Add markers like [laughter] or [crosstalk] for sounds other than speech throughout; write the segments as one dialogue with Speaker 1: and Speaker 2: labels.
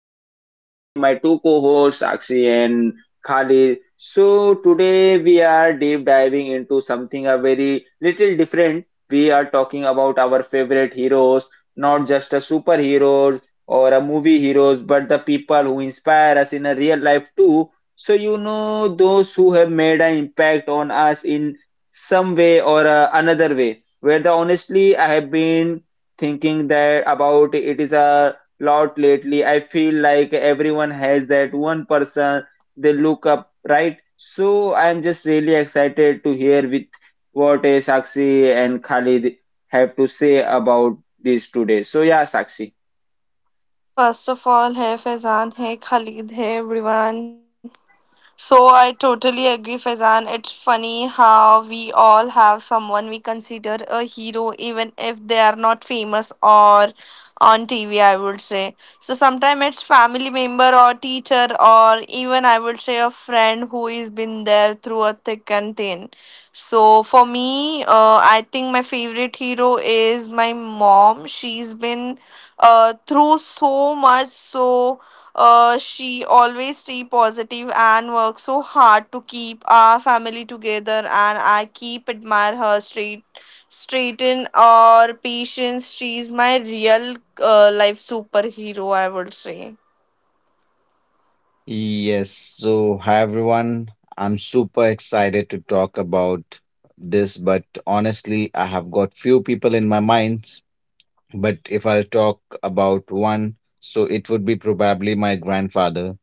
Speaker 1: And today with me my two co-hosts, Akshi and Khalid. So today we are deep diving into something a very little different. We are talking about our favorite heroes, not just a superheroes or a movie heroes, but the people who inspire us in a real life too. So you know those who have made an impact on us in some way or another way. Where the honestly I have been thinking that about it is a lot lately. I feel like everyone has that one person they look up, right? So I'm just really excited to hear with what Sakshi and Khalid have to say about this today. So yeah, Sakshi.
Speaker 2: First of all है फैज़ान है ख़ालिद है बुरीवान. So I totally agree, Faizan. It's funny how we all have someone we consider a hero, even if they are not famous or on TV, I would say. So sometimes it's family member or teacher or even I would say a friend who is been there through a thick and thin. So for me, I think my favorite hero is my mom. She's been through so much, so she always stay positive and works so hard to keep our family together and I keep admire her straighten or patience. She's my real life superhero, I would say.
Speaker 3: Yes, so hi everyone. I'm super excited to talk about this, but honestly, I have got few people in my mind, but if I'll talk about one, so it would be probably my grandfather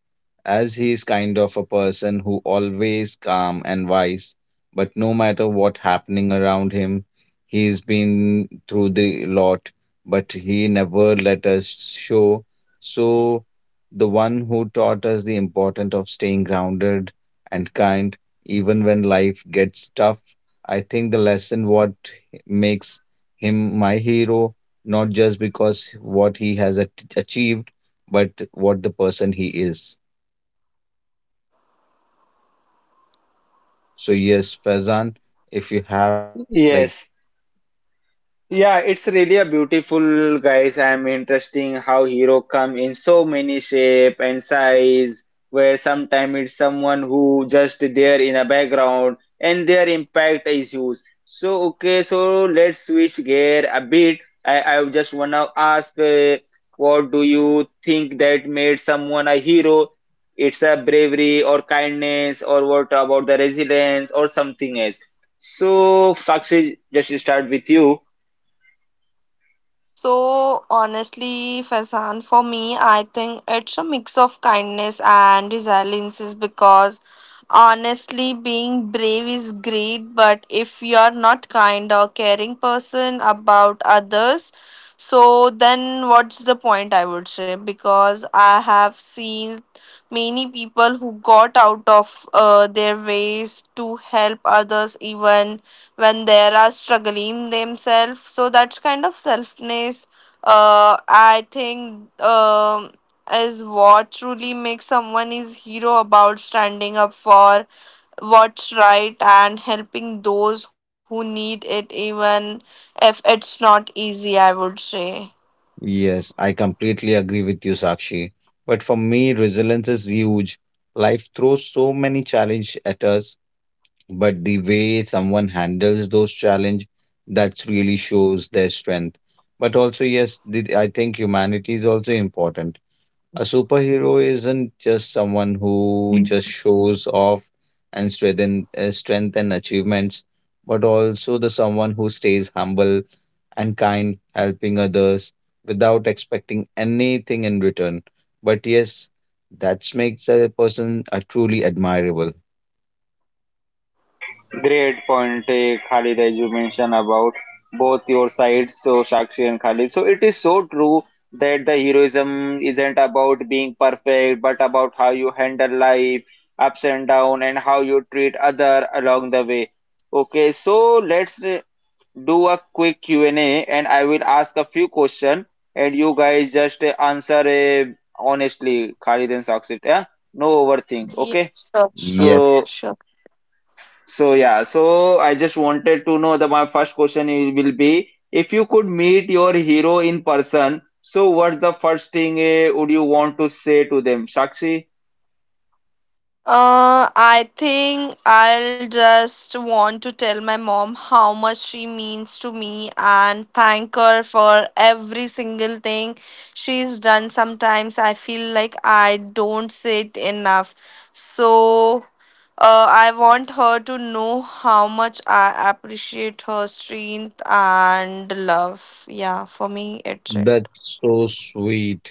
Speaker 3: as he is kind of a person who always calm and wise, but no matter what happening around him, he's been through the lot, but he never let us show. So the one who taught us the importance of staying grounded and kind, even when life gets tough. I think the lesson what makes him my hero, not just because what he has achieved, but what the person he is. So yes, Faizan, if you have like.
Speaker 1: Yes, yeah, it's really a beautiful guys. I'm interesting how hero come in so many shape and size where sometimes it's someone who just there in a background and their impact is huge. So okay, so let's switch gear a bit. I just wanna ask what do you think that made someone a hero? It's a bravery or kindness or what about the resilience or something else. So Sakshi, just start with you.
Speaker 2: So honestly, Faizan, for me, I think it's a mix of kindness and resilience because honestly, being brave is great, but if you're not kind or caring person about others, so then what's the point? I would say because I have seen many people who got out of their ways to help others even when they are struggling themselves, so that's kind of selfness, I think, is what truly makes someone is hero, about standing up for what's right and helping those who need it even if it's not easy, I would say.
Speaker 3: Yes, I completely agree with you, Sakshi. But for me, resilience is huge. Life throws so many challenges at us, but the way someone handles those challenges, that really shows their strength. But also, yes, the, I think humanity is also important. A superhero isn't just someone who just
Speaker 2: Mm.
Speaker 3: shows off and strengthen strength and achievements, but also the someone who stays humble and kind, helping others without expecting anything in return. But yes, that makes a person a truly admirable.
Speaker 1: Great point, Khalid, as you mentioned about both your sides, so Sakshi and Khalid. So it is so true that the heroism isn't about being perfect, but about how you handle life, ups and down, and how you treat other along the way. Okay, so let's do a quick Q and A, and I will ask a few questions, and you guys just answer honestly, Khalid and Sakshi. Yeah, no overthink. Okay,
Speaker 2: Yes, sure,
Speaker 1: yeah.
Speaker 2: sure,
Speaker 3: Yeah.
Speaker 1: So.
Speaker 2: sure.
Speaker 1: So yeah, so I just wanted to know that my first question will be if you could meet your hero in person, so what's the first thing would you want to say to them? Sakshi,
Speaker 2: I think I'll just want to tell my mom how much she means to me and thank her for every single thing she's done. Sometimes I feel like I don't say it enough. So, I want her to know how much I appreciate her strength and love. Yeah, for me, it's it.
Speaker 3: That's so sweet.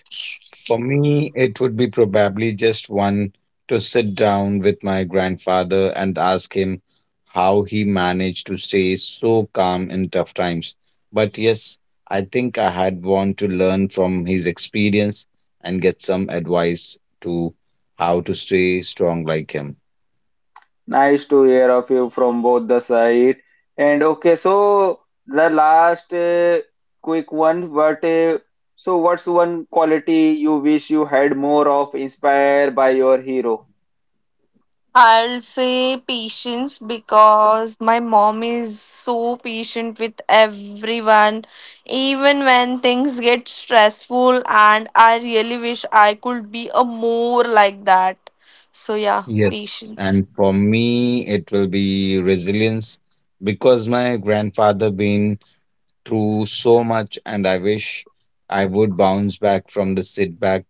Speaker 3: For me, it would be probably just one to sit down with my grandfather and ask him how he managed to stay so calm in tough times. But yes, I think I had want to learn from his experience and get some advice to how to stay strong like him.
Speaker 1: nice to hear of you from both the side. And okay, so the last quick one, but so what's one quality you wish you had more of inspired by your hero?
Speaker 2: I'll say patience because my mom is so patient with everyone, even when things get stressful, and I really wish I could be a more like that. So yeah,
Speaker 3: Yes,
Speaker 2: patience.
Speaker 3: and for me, it will be resilience because my grandfather been through so much, and I wish I would bounce back from the sit back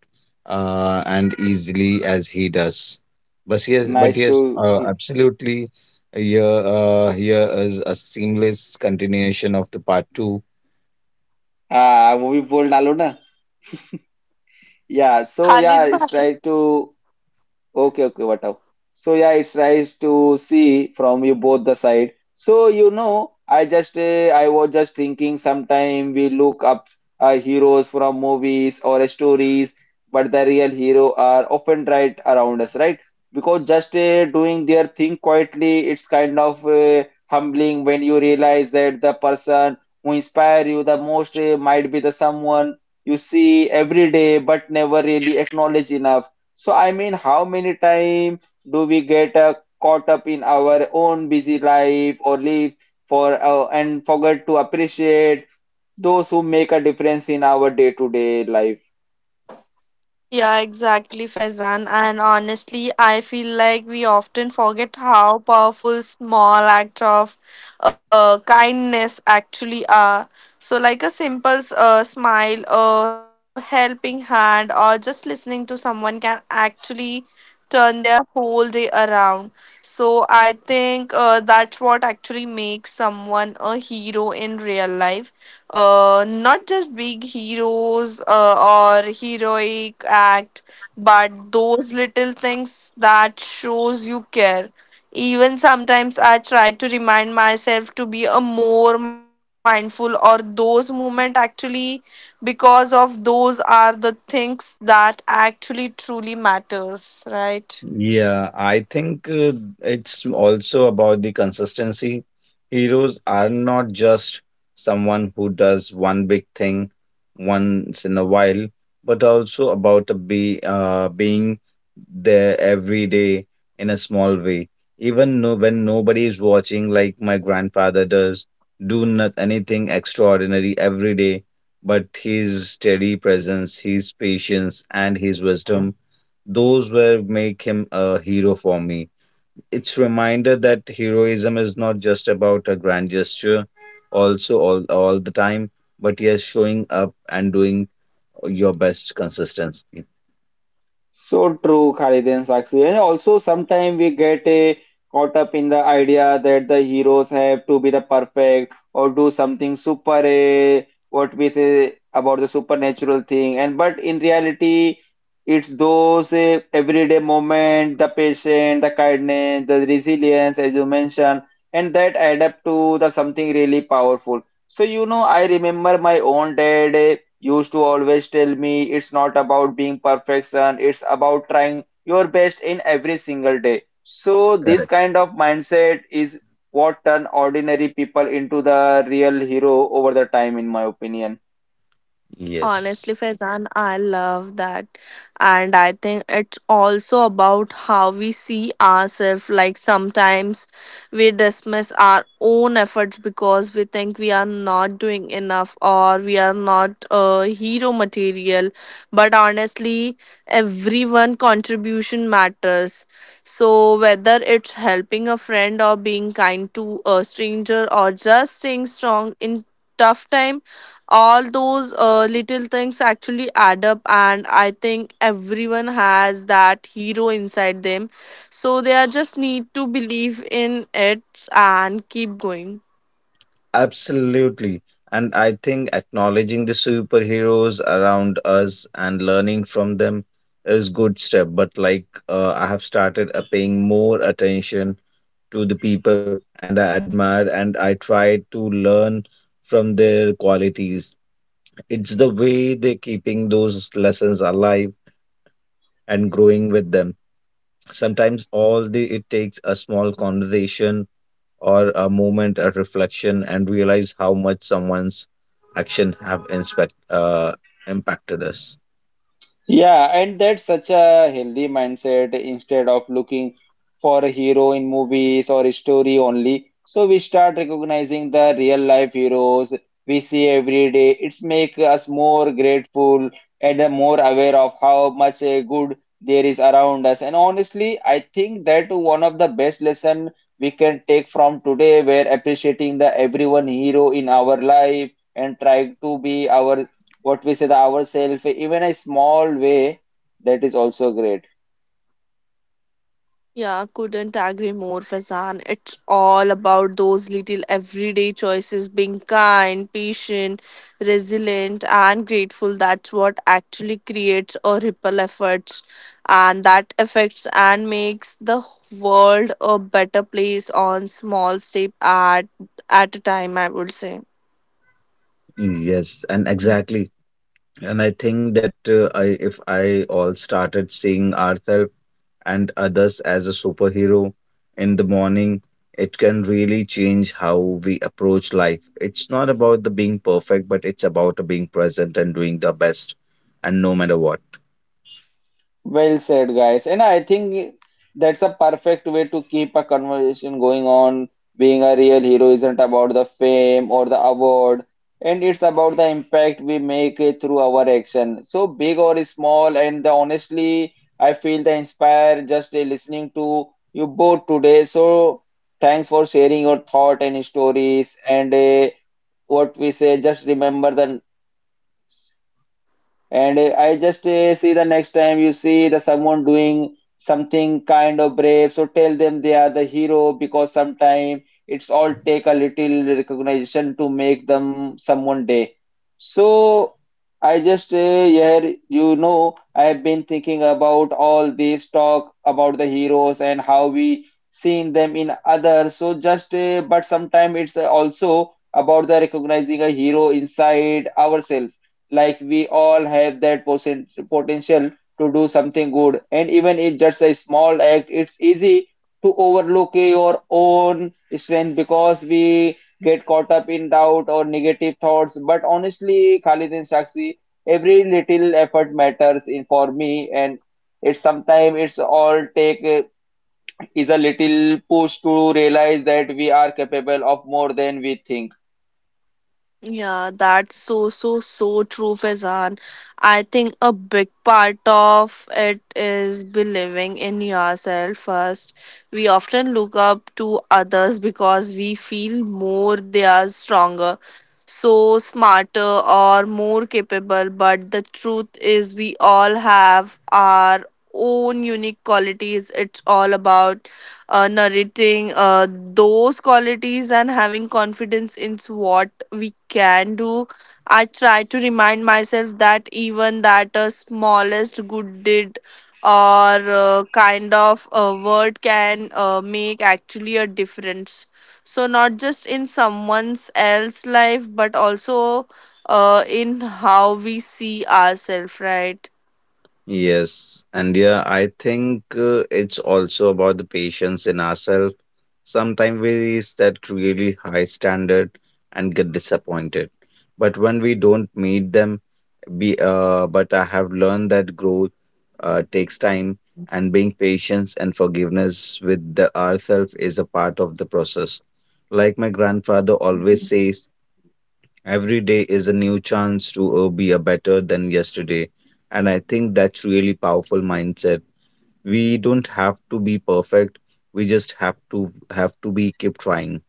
Speaker 3: and easily as he does. But
Speaker 1: Nice
Speaker 3: yes,
Speaker 1: to he-
Speaker 3: absolutely. Here, here is a seamless continuation of the part two.
Speaker 1: ah, वो भी बोल डालो ना. Yeah, so yeah,
Speaker 2: Khalid
Speaker 1: it's
Speaker 2: bhai.
Speaker 1: try to. Okay, okay, whatever. So yeah, it's nice to see from you both the side. So you know, I was just thinking sometime we look up heroes from movies or stories, but the real hero are often right around us, right? Because just doing their thing quietly, it's kind of humbling when you realize that the person who inspire you the most might be the someone you see every day but never really acknowledge enough. So, I mean, how many time do we get caught up in our own busy life or lives for and forget to appreciate those who make a difference in our day-to-day life?
Speaker 2: Yeah, exactly, Faizan. And honestly, I feel like we often forget how powerful small acts of kindness actually are. So, like a simple smile, a helping hand, or just listening to someone can actually turn their whole day around. So, I think that's what actually makes someone a hero in real life, not just big heroes or heroic act, but those little things that shows you care. Even sometimes I try to remind myself to be a more mindful or those moment actually, because of those are the things that actually truly matters, right?
Speaker 3: Yeah, I think it's also about the consistency. Heroes are not just someone who does one big thing once in a while, but also about a be being there every day in a small way. Even no, when nobody is watching, like my grandfather does, do not anything extraordinary every day, but his steady presence, his patience, and his wisdom, those were make him a hero for me. It's reminder that heroism is not just about a grand gesture, also all the time, but yes, showing up and doing your best consistency.
Speaker 1: So true, Khalid and Sakshi. And also, sometimes we get a, caught up in the idea that the heroes have to be the perfect or do something super, what we say about the supernatural thing. And but in reality, it's those everyday moment, the patience, the kindness, the resilience, as you mentioned, and that add up to the something really powerful. So you know, I remember my own dad. Used to always tell me it's not about being perfection, it's about trying your best in every single day. So this
Speaker 3: Correct.
Speaker 1: kind of mindset is what turn ordinary people into the real hero over the time in my opinion.
Speaker 3: Yes,
Speaker 2: Honestly, Faizan, I love that. And I think it's also about how we see ourselves. Like sometimes we dismiss our own efforts because we think we are not doing enough or we are not hero material. But honestly, everyone contribution matters. So whether it's helping a friend or being kind to a stranger or just staying strong in tough time, all those little things actually add up, and I think everyone has that hero inside them, so they are just need to believe in it and keep going.
Speaker 3: absolutely. And I think acknowledging the superheroes around us and learning from them is good step. But like I have started paying more attention to the people and I admire and I try to learn from their qualities. It's the way they're keeping those lessons alive and growing with them. Sometimes all the it takes a small conversation or a moment, a reflection, and realize how much someone's action have inspect impacted us.
Speaker 1: Yeah, and that's such a healthy mindset instead of looking for a hero in movies or a story only. So we start recognizing the real life heroes we see every day. It's make us more grateful and more aware of how much good there is around us. And honestly, I think that one of the best lesson we can take from today where appreciating the everyone hero in our life and trying to be our what we say the ourselves even a small way, that is also great.
Speaker 2: Yeah, couldn't agree more, Faizan. It's all about those little everyday choices being kind, patient, resilient, and grateful. That's what actually creates a ripple effect, and that affects and makes the world a better place on small step at a time, I would say.
Speaker 3: Yes, and exactly. And I think that I, if I all started seeing ourselves and others as a superhero in the morning, it can really change how we approach life. It's not about the being perfect, but it's about the being present and doing the best, and no matter what.
Speaker 1: Well said, guys, and I think that's a perfect way to keep a conversation going on. Being a real hero isn't about the fame or the award, and it's about the impact we make it through our action, so big or small. And the, honestly, I feel the inspire just listening to you both today. So thanks for sharing your thought and stories and what we say, just remember the. And I just see the next time you see the someone doing something kind of brave, so tell them they are the hero because sometimes it's all take a little recognition to make them someone day. So I just here you know I have been thinking about all this talk about the heroes and how we seen them in others. So just but sometimes it's also about the recognizing a hero inside ourselves, like we all have that potential to do something good, and even if just a small act, it's easy to overlook your own strength because we get caught up in doubt or negative thoughts. But honestly, Khalid and Shakshi, every little effort matters in for me, and it's sometimes it's all take is a little push to realize that we are capable of more than we think.
Speaker 2: Yeah, that's so, so, so true, Faizan. I think a big part of it is believing in yourself first. We often look up to others because we feel more they are stronger, so smarter, or more capable. But the truth is, we all have our own unique qualities. It's all about narrating those qualities and having confidence in what we can do. I try to remind myself that even that smallest good deed or kind of a word can make actually a difference. So not just in someone's else life, but also in how we see ourselves, right?
Speaker 3: Yes, and yeah, I think it's also about the patience in ourselves. Sometimes we set really high standard and get disappointed. But when we don't meet them, be but I have learned that growth takes time and being patience and forgiveness with the ourself is a part of the process. Like my grandfather always says, every day is a new chance to be a better than yesterday. And I think that's really powerful mindset. We don't have to be perfect. We just have to be keep trying.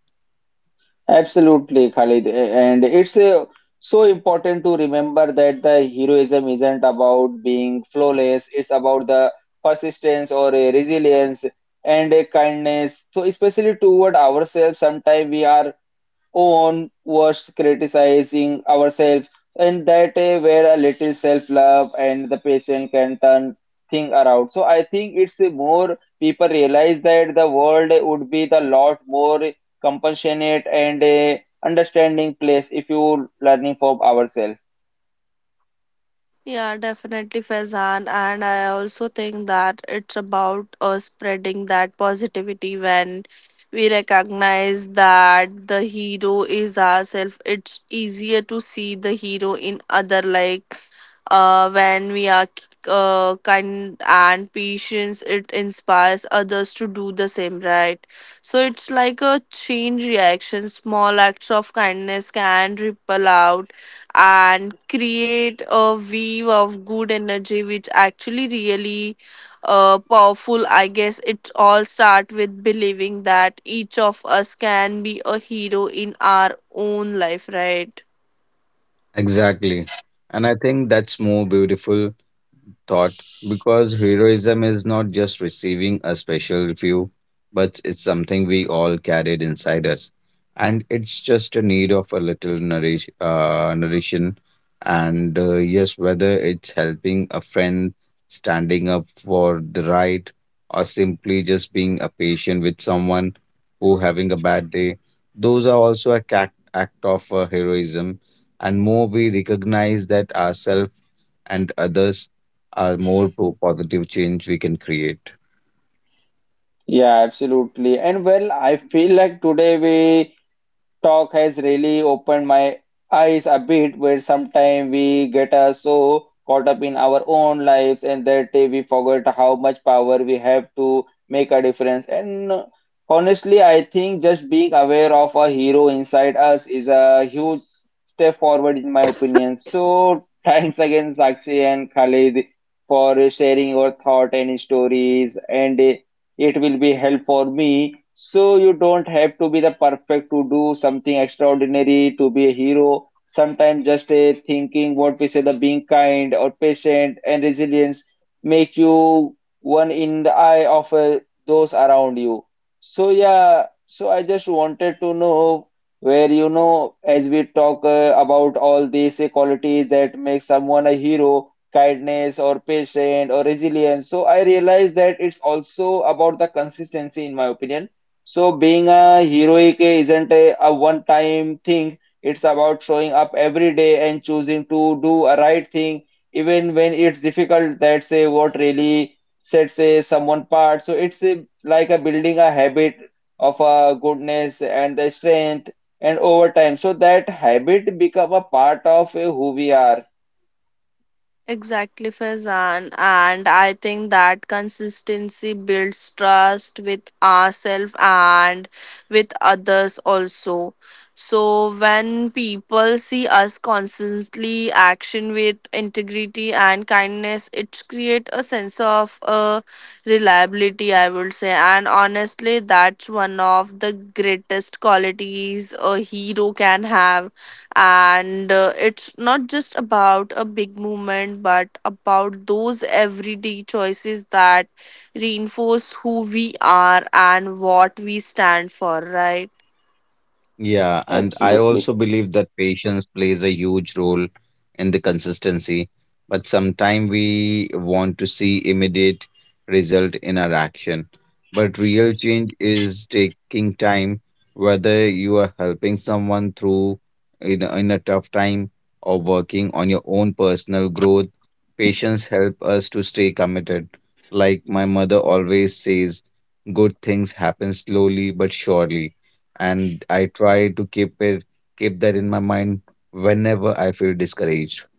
Speaker 1: Absolutely, Khalid. And it's so important to remember that the heroism isn't about being flawless, it's about the persistence or a resilience and a kindness. So, especially toward ourselves, sometimes we are own was criticizing ourselves, and that where a little self-love and the patient can turn thing around. So I think it's more people realize that the world would be the lot more compassionate and understanding place if you learning from ourselves.
Speaker 2: Yeah, definitely, Faizan. And I also think that it's about spreading that positivity when we recognize that the hero is ourselves. It's easier to see the hero in other, like when we are kind and patience, it inspires others to do the same, right? So it's like a chain reaction. Small acts of kindness can ripple out and create a wave of good energy which actually really powerful, I guess. It all start with believing that each of us can be a hero in our own life, right?
Speaker 3: Exactly. And I think that's more beautiful thought because heroism is not just receiving a special view, but it's something we all carried inside us. And it's just a need of a little nourishing. And yes, whether it's helping a friend, standing up for the right, or simply just being a patient with someone who having a bad day, those are also a act of heroism. And more we recognize that ourselves and others, are more positive change we can create.
Speaker 1: Yeah, absolutely. And well, I feel like today we. Talk has really opened my eyes a bit where sometimes we get so caught up in our own lives and that day we forget how much power we have to make a difference. And honestly, I think just being aware of a hero inside us is a huge step forward in my opinion. So thanks again, Sakshi and Khalid, for sharing your thought and stories and it will be help for me. So you don't have to be the perfect to do something extraordinary to be a hero. Sometimes just a thinking what we say the being kind or patient and resilience make you one in the eye of those around you. So yeah, so I just wanted to know where you know as we talk about all these qualities that make someone a hero, kindness or patient or resilience. So I realize that it's also about the consistency in my opinion. So being a heroic isn't a one-time thing. It's about showing up every day and choosing to do a right thing, even when it's difficult. That's a, what really sets a, someone apart. So it's a, like a building a habit of a goodness and the strength, and over time, so that habit become a part of who we are.
Speaker 2: Exactly, Faizan. And I think that consistency builds trust with ourselves and with others also. So when people see us constantly action with integrity and kindness, it creates a sense of reliability, I would say. And honestly, that's one of the greatest qualities a hero can have, and it's not just about a big movement but about those everyday choices that reinforce who we are and what we stand for, right?
Speaker 3: Yeah, and I also
Speaker 1: Absolutely.
Speaker 3: believe that patience plays a huge role in the consistency, but sometimes we want to see immediate result in our action. But real change is taking time, whether you are helping someone through in a tough time or working on your own personal growth. Patience help us to stay committed. Like my mother always says, good things happen slowly but surely, and I try to keep that in my mind whenever I feel discouraged.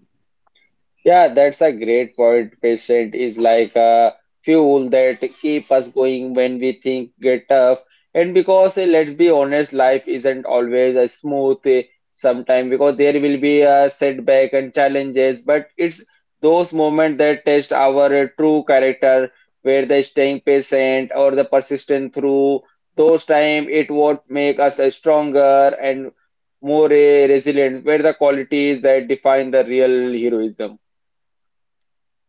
Speaker 1: Yeah, that's a great point. Patient is like a fuel that keep us going when we think get tough. And because eh, let's be honest, life isn't always a smooth sometimes because there will be a setback and challenges, but it's those moments that test our true character, where the staying patient or the persistent through those time it would make us stronger and more resilient, where the qualities that define the real heroism.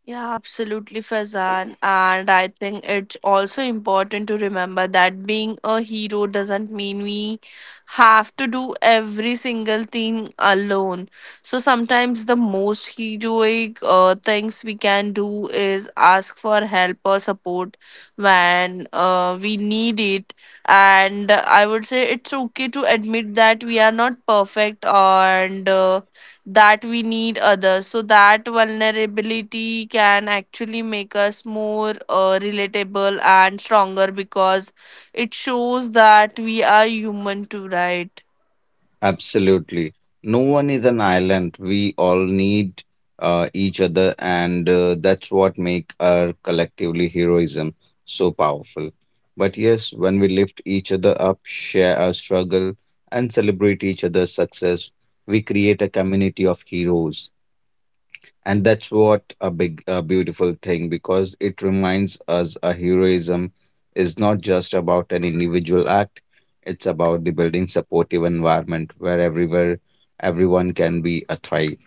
Speaker 2: Yeah, absolutely, Faizan. And I think it's also important to remember that being a hero doesn't mean we have to do every single thing alone. So sometimes the most heroic things we can do is ask for help or support when we need it. And I would say it's okay to admit that we are not perfect and that we need others. So that vulnerability can actually make us more relatable and stronger because it shows that we are human too, right?
Speaker 3: Absolutely. No one is an island. We all need each other, and that's what make our collectively heroism so powerful. But yes, when we lift each other up, share our struggle and celebrate each other's success, we create a community of heroes. And that's what a big, a beautiful thing because it reminds us a heroism is not just about an individual act. It's about the building supportive environment where everywhere everyone can be a thrive.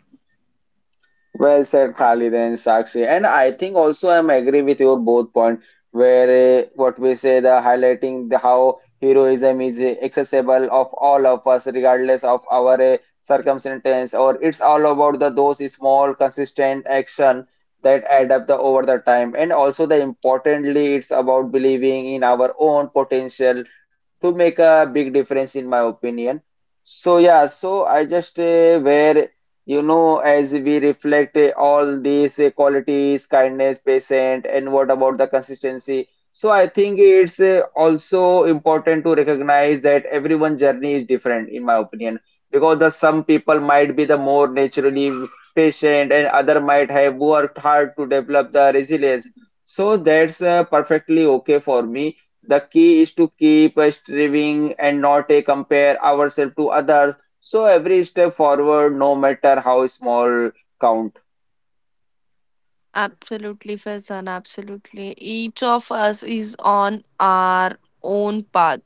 Speaker 1: Well said, Khalid and Sakshi. And I think also I'm agree with your both point where what we say the highlighting the how heroism is accessible of all of us regardless of our circumstance, or it's all about the those small consistent action that add up the over the time, and also the importantly it's about believing in our own potential to make a big difference in my opinion. So yeah, so I just where you know, as we reflect all these qualities, kindness, patient, and what about the consistency? So I think it's also important to recognize that everyone's journey is different, in my opinion, because the some people might be the more naturally patient, and other might have worked hard to develop the resilience. So that's perfectly okay for me. The key is to keep striving and not compare ourselves to others. So every step forward, no matter how small, counts.
Speaker 2: Absolutely, Faizan, absolutely. Each of us is on our own path.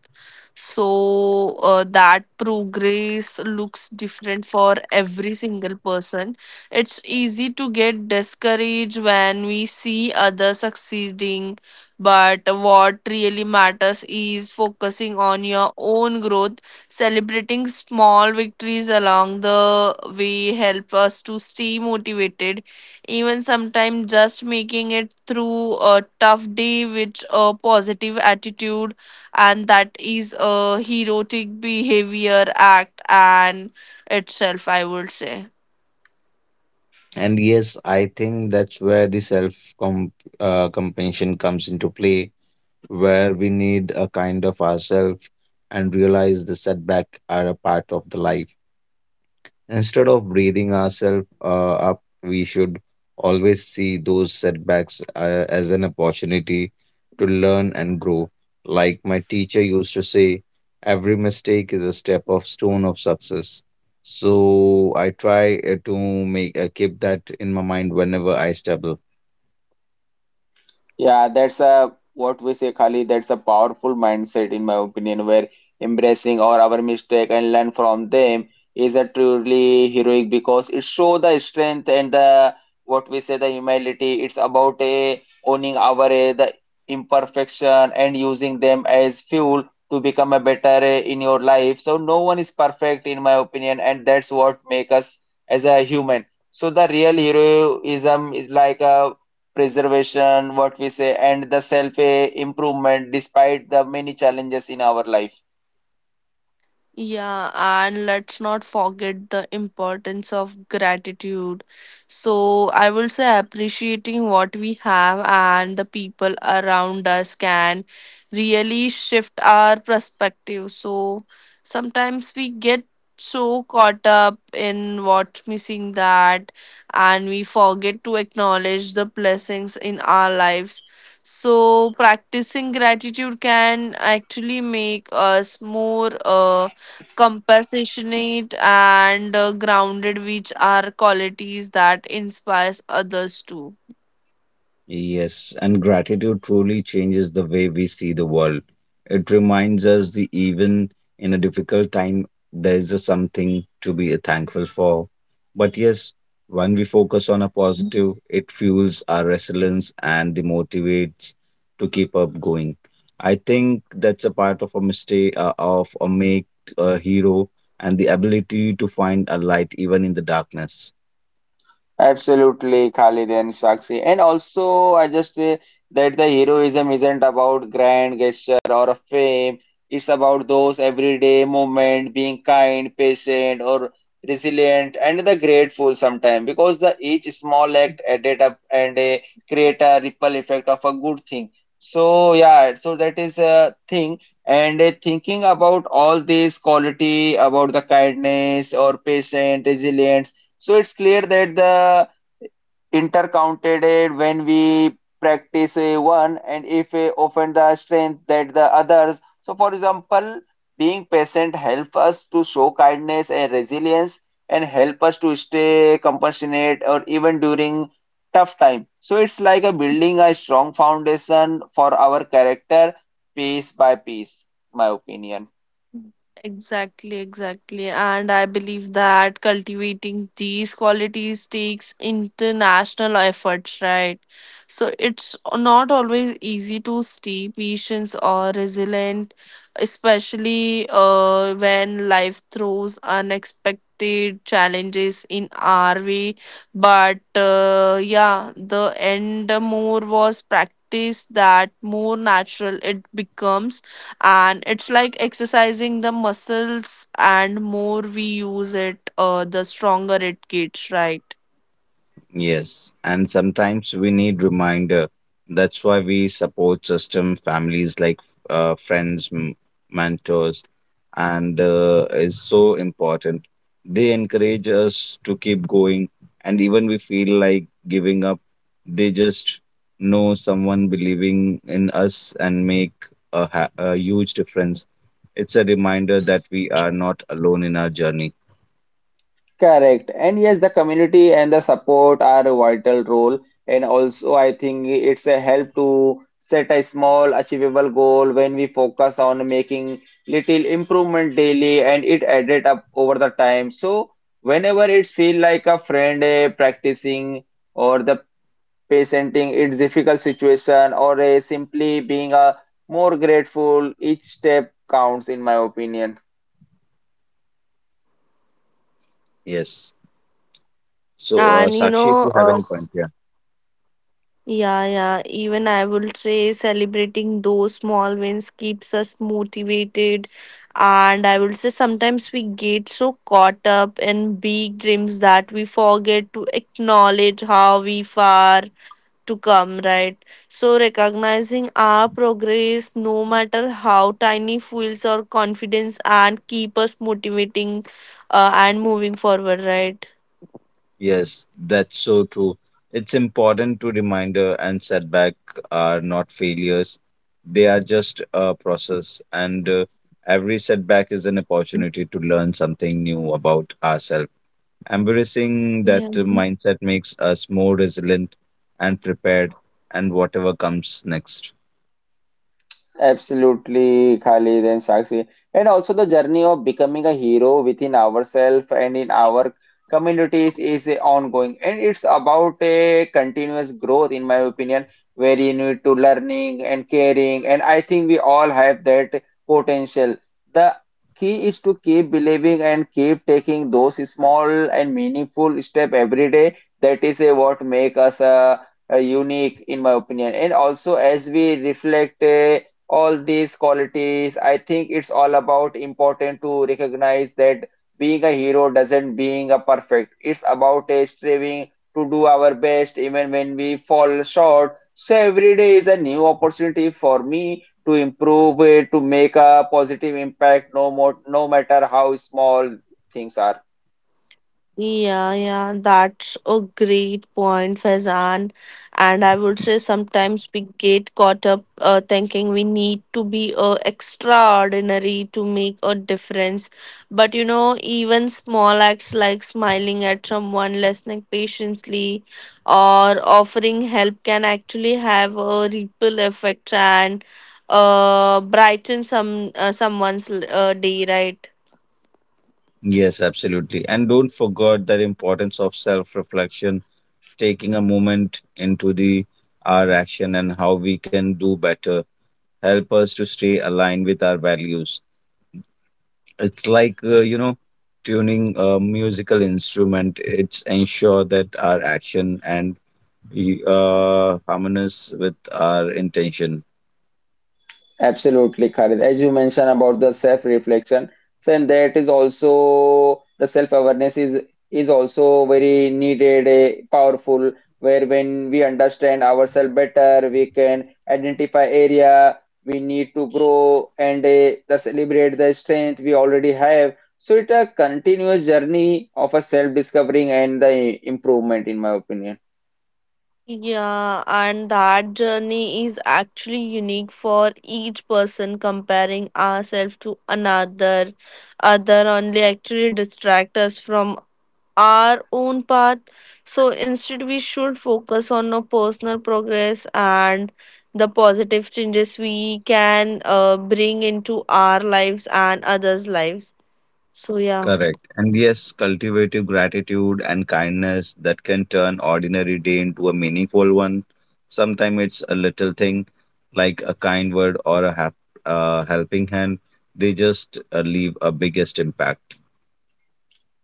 Speaker 2: So that progress looks different for every single person. It's easy to get discouraged when we see others succeeding, but what really matters is focusing on your own growth. Celebrating small victories along the way help us to stay motivated, even sometimes just making it through a tough day with a positive attitude, and that is a heroic behavior act and itself, I would say.
Speaker 3: And yes, I think that's where the self comp compassion comes into play, where we need a kind of ourselves and realize the setback are a part of the life. Instead of breathing ourselves up, we should always see those setbacks as an opportunity to learn and grow. Like my teacher used to say, every mistake is a step of stone of success. So I try to make keep that in my mind whenever I stumble.
Speaker 1: Yeah, that's a what we say, Kali. That's a powerful mindset, in my opinion, where embracing all our mistake and learn from them is a truly heroic because it shows the strength and the what we say the humility. It's about a owning our the imperfection and using them as fuel to become a better in your life. So no one is perfect, in my opinion, and that's what make us as a human. So the real heroism is like a preservation, what we say, and the self-improvement despite the many challenges in our life.
Speaker 2: Yeah, and let's not forget the importance of gratitude. So, I will say appreciating what we have and the people around us can really shift our perspective. So, sometimes we get so caught up in what's missing that and we forget to acknowledge the blessings in our lives. So, practicing gratitude can actually make us more. Compassionate and grounded, which are qualities that inspires others too.
Speaker 3: Yes, and gratitude truly changes the way we see the world. It reminds us that even in a difficult time, there is a something to be thankful for. But yes, when we focus on a positive, it fuels our resilience and the motivates to keep up going. I think that's a part of a mistake of a make a hero, and the ability to find a light even in the darkness.
Speaker 1: Absolutely, Khalid and Sakshi. And also, I just say that the heroism isn't about grand gesture or fame. It's about those everyday moment, being kind, patient, or resilient, and the grateful sometimes. Because the each small act added up and create a ripple effect of a good thing. So yeah, so that is a thing. And thinking about all these quality, about the kindness or patient, resilience, so it's clear that the intercounted when we practice a one and if a offend the strength that the others. So for example, being patient help us to show kindness and resilience and help us to stay compassionate or even during tough time. So it's like a building a strong foundation for our character piece by piece, my opinion.
Speaker 2: Exactly, exactly. And I believe that cultivating these qualities takes international efforts, right? So it's not always easy to stay patient or resilient, especially when life throws unexpected challenges in our way. But yeah, the end more was practice, that more natural it becomes, and it's like exercising the muscles and more we use it, the stronger it gets, right?
Speaker 3: Yes, and sometimes we need reminder. That's why we support system families like uh, friends, m- mentors, and is so important. They encourage us to keep going, and even we feel like giving up, they just know someone believing in us and make a huge difference. It's a reminder that we are not alone in our journey.
Speaker 1: Correct. And yes, the community and the support are a vital role. And also, I think it's a help to set a small, achievable goal when we focus on making little improvement daily and it added up over the time. So whenever it feel like a friend practicing or the presenting its difficult situation or simply being a more grateful, each step counts in my opinion.
Speaker 3: Yes. So,
Speaker 2: And you
Speaker 3: Sakshi, if you
Speaker 2: know,
Speaker 3: have any point here.
Speaker 2: yeah, yeah, even I would say celebrating those small wins keeps us motivated. And I would say sometimes we get so caught up in big dreams that we forget to acknowledge how we far to come, right? So, recognizing our progress, no matter how tiny, fuels our confidence and keep us motivating and moving forward, right?
Speaker 3: Yes, that's so true. It's important to reminder and setback are not failures. They are just a process, and every setback is an opportunity to learn something new about ourselves. Embracing
Speaker 2: Yeah.
Speaker 3: that mindset makes us more resilient and prepared, and whatever comes next.
Speaker 1: Absolutely, Khalid and Sakshi. And also the journey of becoming a hero within ourselves and in our communities is a ongoing. And it's about a continuous growth, in my opinion, where you need to learning and caring. And I think we all have that potential. The key is to keep believing and keep taking those small and meaningful step every day. That is a what make us a unique, in my opinion. And also as we reflect, all these qualities, I think it's all about important to recognize that being a hero doesn't being a perfect, it's about a striving to do our best even when we fall short. So every day is a new opportunity for me to improve it, to make a positive impact, no more, no matter how small things are.
Speaker 2: Yeah, yeah, that's a great point, Faizan. And I would say sometimes we get caught up thinking we need to be extraordinary to make a difference. But you know, even small acts like smiling at someone, listening patiently, or offering help can actually have a ripple effect and brighten someone's day, right?
Speaker 3: Yes, absolutely. And don't forget the importance of self-reflection, taking a moment into the our action and how we can do better help us to stay aligned with our values. It's like, you know, tuning a musical instrument. It's ensure that our action and harmonious with our intention.
Speaker 1: Absolutely, Khalid. As you mentioned about the self-reflection, so and that is also the self-awareness is also very needed, powerful. Where when we understand ourselves better, we can identify area we need to grow and the celebrate the strength we already have. So it's a continuous journey of a self-discovering and the improvement, in my opinion.
Speaker 2: Yeah, and that journey is actually unique for each person. Comparing ourselves to another, other only actually distract us from our own path. So instead, we should focus on our personal progress and the positive changes we can bring into our lives and others' lives. So yeah,
Speaker 3: Correct. And yes, cultivative gratitude and kindness that can turn ordinary day into a meaningful one. Sometimes it's a little thing like a kind word or a helping hand. They just leave a biggest impact.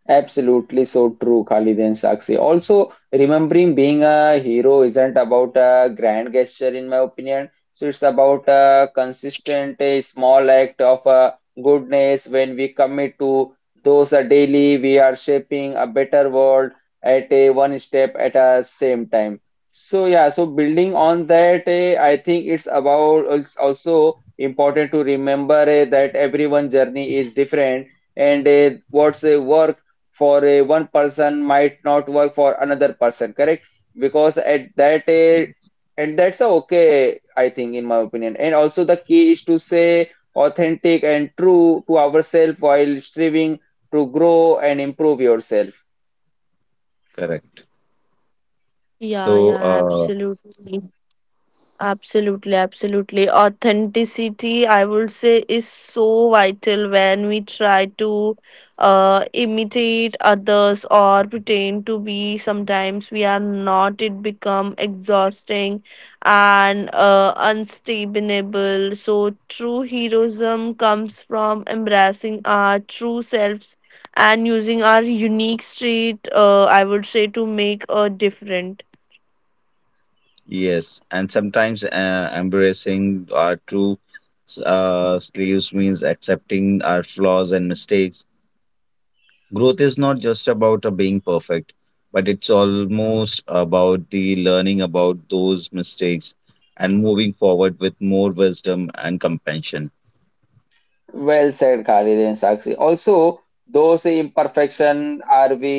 Speaker 1: Absolutely so true, Khalid and Sakshi. Also, remembering being a hero isn't about a grand gesture, in my opinion. So it's about a consistent, a small act of goodness when we commit to those daily. We are shaping a better world at a one step at a same time. So yeah, so building on that, I think it's about, it's also important to remember that everyone's journey is different and what's a work for a one person might not work for another person, correct, because at that
Speaker 3: Yeah.
Speaker 1: and that's a okay, I think, in my opinion. And also the key is to say authentic and true to ourselves while striving to grow and improve yourself.
Speaker 3: Correct.
Speaker 2: yeah,
Speaker 3: So,
Speaker 2: yeah, absolutely. Absolutely, absolutely. Authenticity, I would say, is so vital when we try to imitate others or pretend to be. Sometimes we are not. It become exhausting and unstable. So true heroism comes from embracing our true selves and using our unique street. I would say, to make a difference.
Speaker 3: yes, and sometimes embracing our true sleeves means accepting our flaws and mistakes. Growth is not just about being perfect, but it's almost about the learning about those mistakes and moving forward with more wisdom and compassion.
Speaker 1: Well said, Khalid and Sakshi. Also, those imperfection are we,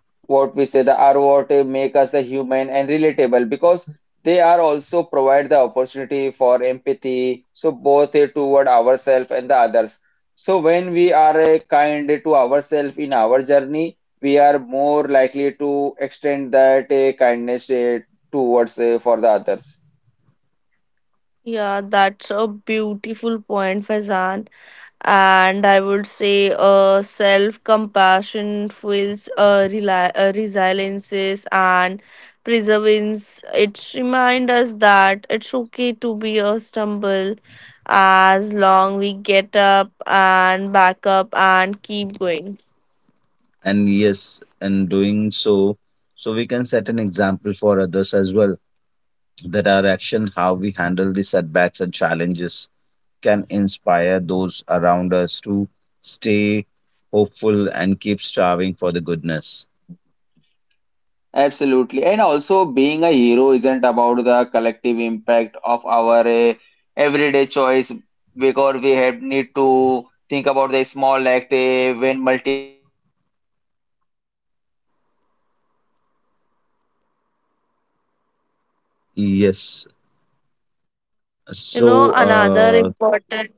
Speaker 1: what we say, the ROT make us a human and relatable because they are also provide the opportunity for empathy, so both toward ourselves and the others. So when we are kind to ourselves in our journey, we are more likely to extend that kindness towards for the others.
Speaker 2: Yeah, that's a beautiful point, Faizan. And I would say self compassion fuels resiliences and perseverance. It reminds us that it's okay to be a stumble as long we get up and back up and keep going.
Speaker 3: And yes, in doing so, so we can set an example for others as well that our action, how we handle the setbacks and challenges can inspire those around us to stay hopeful and keep striving for the goodness.
Speaker 1: Absolutely. And also, being a hero isn't about the collective impact of our everyday choice, because we have need to think about the small act.
Speaker 3: Yes. So,
Speaker 2: You know, another important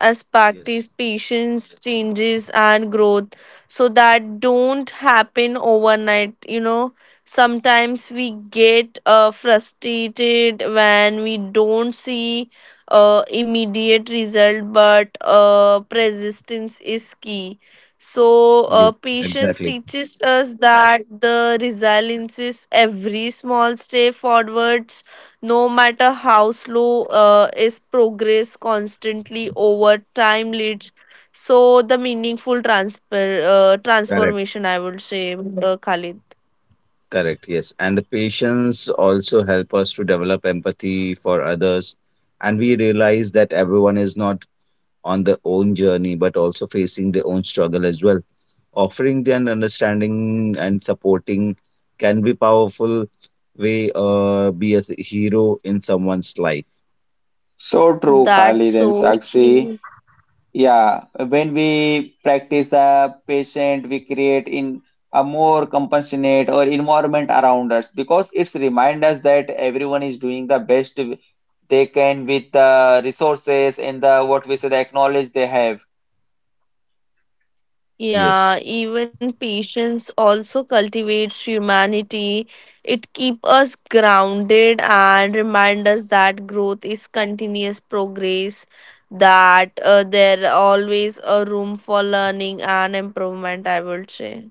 Speaker 2: as
Speaker 3: yes,
Speaker 2: practice patience changes and growth, so that don't happen overnight, you know. Sometimes we get frustrated when we don't see immediate result, but persistence is key. So
Speaker 3: yes,
Speaker 2: patience
Speaker 3: exactly.
Speaker 2: teaches us that the resilience is every small step forwards, no matter how slow is progress constantly over time leads so the meaningful transfer
Speaker 3: Correct.
Speaker 2: transformation, I would say, Khalid.
Speaker 3: Correct. Yes. And the patience also help us to develop empathy for others. And we realize that everyone is not on their own journey, but also facing their own struggle as well. Offering their understanding and supporting can be powerful way be a hero in someone's life.
Speaker 1: So true,
Speaker 2: That's
Speaker 1: Khalid and
Speaker 2: so
Speaker 1: Sakshi.
Speaker 2: true.
Speaker 1: Yeah, when we practice the patient, we create in a more compassionate or environment around us, because it's remind us that everyone is doing the best they can with the resources and the what we say the acknowledge they have.
Speaker 3: Yes,
Speaker 2: Yeah, even patience also cultivates humanity. It keeps us grounded and remind us that growth is continuous progress, that there always a room for learning and improvement, I would say.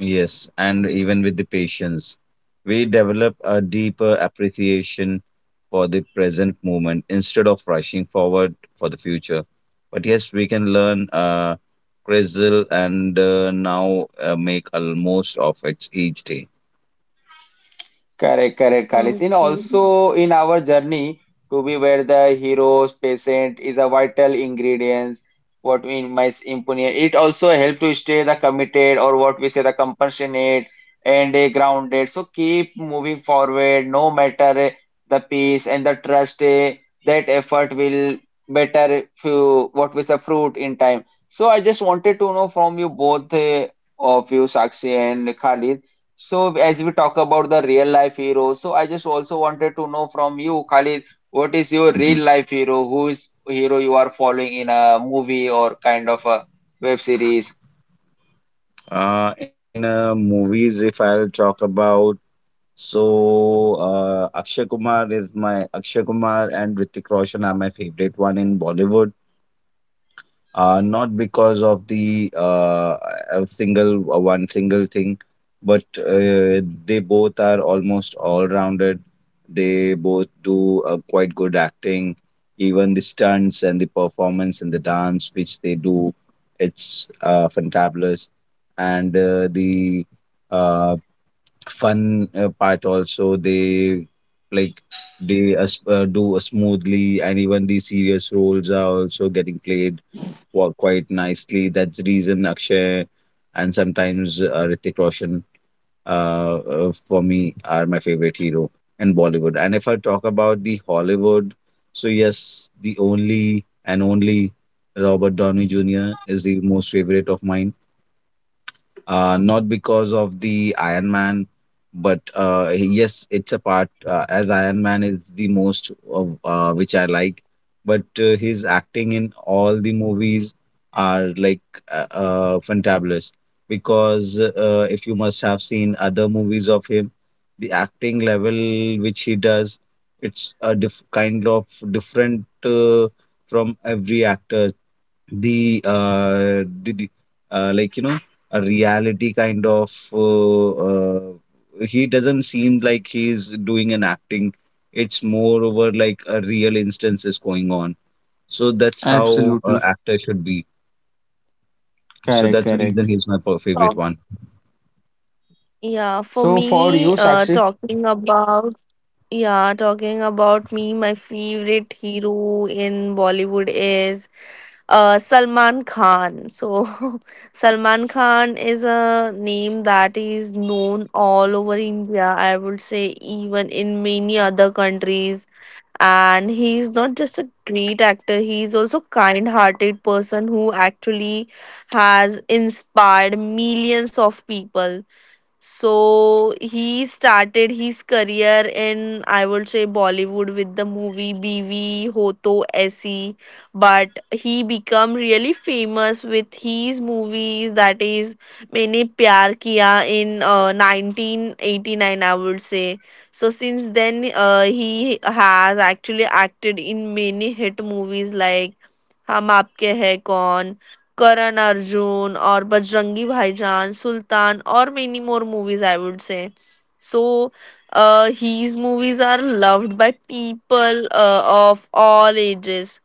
Speaker 3: yes, and even with the patience, we develop a deeper appreciation for the present moment instead of rushing forward for the future, but yes we can learn grizzle and now make a most of it each day.
Speaker 1: Correct, correct, Khalis. And
Speaker 2: Okay.
Speaker 1: also in our journey to be where the hero's patient is a vital ingredient. What we in my opinion, it also helps to stay the committed or what we say the compassionate and a grounded. So keep moving forward, no matter the peace and the trust. That effort will better few, what we say, fruit in time. So I just wanted to know from you both, of you, Sakshi and Khalid. So as we talk about the real life hero, so I just also wanted to know from you, Khalid, what is your
Speaker 3: Mhm.
Speaker 1: real life hero? Who is hero you are following in a movie or kind of a web series?
Speaker 3: In movies, if I'll talk about. So, Akshay Kumar is my Akshay Kumar and Hrithik Roshan are my favorite one in Bollywood. Not because of the a single one single thing, but they both are almost all-rounded. They both do quite good acting, even the stunts and the performance and the dance which they do, it's fantabulous. And the uh, fun part also they like they as do a smoothly, and even the serious roles are also getting played quite nicely. That's the reason Akshay, and sometimes Hrithik Roshan for me are my favorite hero in Bollywood. And if I talk about the Hollywood, so yes, the only and only Robert Downey Jr. is the most favorite of mine, not because of the Iron Man, but yes, it's a part, as Iron Man is the most of, which I like, but his acting in all the movies are like fantabulous. Because if you must have seen other movies of him, the acting level which he does, it's a kind of different, from every actor. The like a reality kind of, he doesn't seem like he's doing an acting. It's more over like a real instance is going on. So that's how
Speaker 1: Absolutely.
Speaker 3: actor should be. So
Speaker 1: Correct,
Speaker 3: that's the reason
Speaker 1: correct.
Speaker 3: he's my favorite
Speaker 2: Talk,
Speaker 3: one.
Speaker 2: yeah, for
Speaker 1: So for you,
Speaker 2: me,
Speaker 1: Sakshi,
Speaker 2: talking about yeah, talking about me, my favorite hero in Bollywood is Salman Khan. So [laughs] Salman Khan is a name that is known all over India. I would say even in many other countries, and he's not just a great actor, he's also kind-hearted person who actually has inspired millions of people. So he started his career in I would say Bollywood with the movie BV Hoto Aisi, but he become really famous with his movies, that is Maine Pyar Kiya in 1989, I would say. So since then he has actually acted in many hit movies like हम आपके हैं कौन, Karan Arjun or Bajrangi Bhaijaan, Sultan, or many more movies, I would say. So, his movies are loved by people of all ages.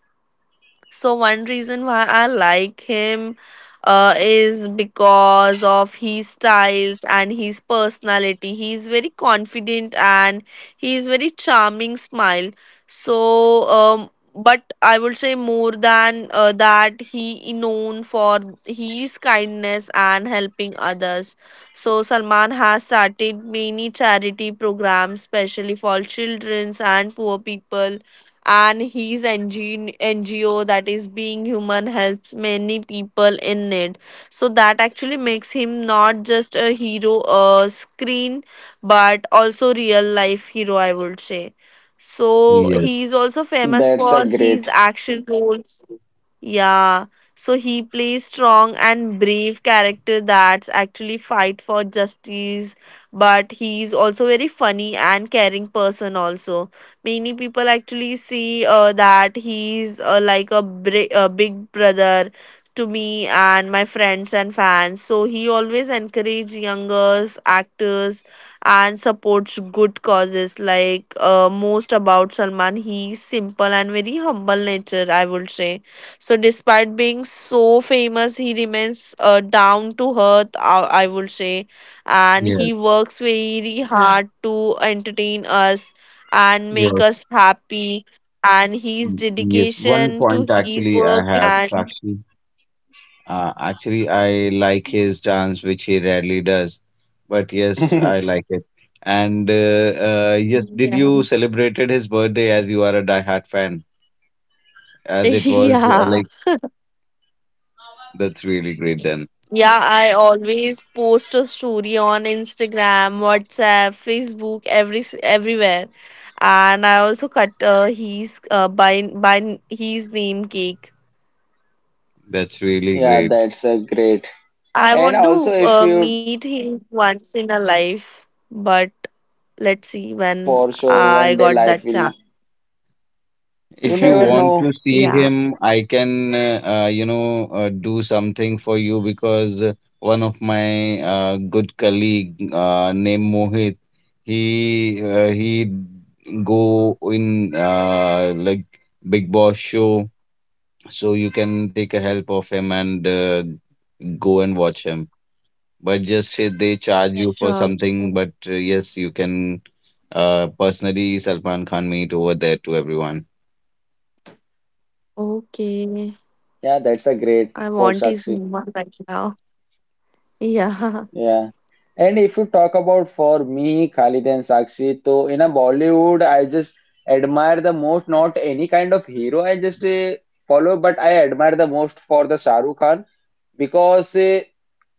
Speaker 2: So one reason why I like him is because of his styles and his personality. He is very confident and he is very charming smile. So, but I would say more than that, he known for his kindness and helping others. So Salman has started many charity programs, especially for childrens and poor people, and his NGO that is Being Human helps many people in need. So that actually makes him not just a hero screen but also real life hero, I would say. So
Speaker 3: Yes,
Speaker 2: he is also famous
Speaker 1: that's a
Speaker 2: for his
Speaker 1: great.
Speaker 2: action roles. Yeah. So he plays strong and brave character that actually fight for justice, but he is also very funny and caring person also. Many people actually see that he's like a, a big brother to me and my friends and fans. So he always encourage youngers actors and supports good causes. Like most about Salman, he's simple and very humble nature, I would say. So despite being so famous he remains down to earth, I would say, and
Speaker 3: yes,
Speaker 2: he works very, yeah, hard to entertain us and make
Speaker 3: yes.
Speaker 2: us happy, and his
Speaker 3: Mm, yes. One
Speaker 2: dedication to
Speaker 3: point
Speaker 2: his
Speaker 3: actually I
Speaker 2: work
Speaker 3: have,
Speaker 2: and
Speaker 3: Sakshi. Actually, I like his dance, which he rarely does. But yes, I
Speaker 1: [laughs]
Speaker 3: like it. And yes, did
Speaker 2: yeah.
Speaker 3: you celebrated his birthday as you are a diehard fan? As
Speaker 2: [laughs]
Speaker 3: it was,
Speaker 2: Yeah,
Speaker 3: like, that's really great. Then
Speaker 2: yeah, I always post a story on Instagram, WhatsApp, Facebook, every everywhere, and I also cut his by his name cake.
Speaker 3: that's really
Speaker 1: Yeah,
Speaker 3: great.
Speaker 1: that's a great.
Speaker 2: I
Speaker 1: And
Speaker 2: want to
Speaker 1: also, if you,
Speaker 2: meet him once in a life, but let's see when
Speaker 1: for sure
Speaker 2: I
Speaker 1: one day
Speaker 2: got
Speaker 1: life
Speaker 2: that
Speaker 1: will,
Speaker 3: If
Speaker 1: you
Speaker 3: you
Speaker 1: never
Speaker 2: chance.
Speaker 3: want to
Speaker 1: know.
Speaker 2: [laughs]
Speaker 3: see
Speaker 2: Yeah.
Speaker 3: him, I can, do something for you, because one of my good colleague, named Mohit, he go in, like, Big Boss show, so you can take a help of him and go and watch him. But just say they charge you for
Speaker 2: Sure, sure.
Speaker 3: something, but yes, you can personally Salman Khan meet over there to everyone.
Speaker 2: Okay.
Speaker 1: Yeah, that's a great
Speaker 2: I
Speaker 1: for
Speaker 2: want his
Speaker 1: Sakshi.
Speaker 2: number right now. Yeah.
Speaker 1: Yeah. And if you talk about for me, Khalid and Sakshi, so in a Bollywood, I just admire the most, not any kind of hero I just follow, but I admire the most for the Shah Rukh Khan, because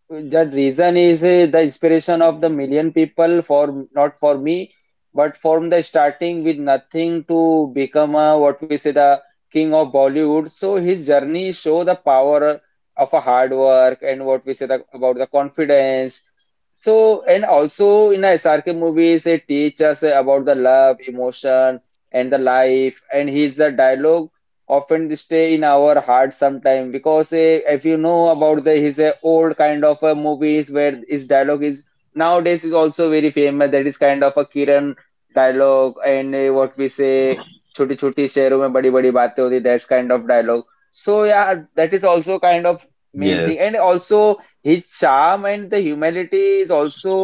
Speaker 1: that reason is the inspiration of the million people for not for me, but from the starting with nothing to become a, what we say, the king of Bollywood. So his journey show the power of a hard work and what we say the, about the confidence. So and also in the SRK movies, they teach us about the love, emotion, and the life. And his the dialogue often stay in our heart sometime, because if you know about the his old kind of movies where his dialogue is nowadays is also very famous, that is kind of a Kiran dialogue, and what we say छोटी छोटी शहरों में बड़ी बड़ी बातें होती, that's kind of dialogue. So yeah, that is also kind of main thing.
Speaker 3: Yes.
Speaker 1: And also his charm and the humility is also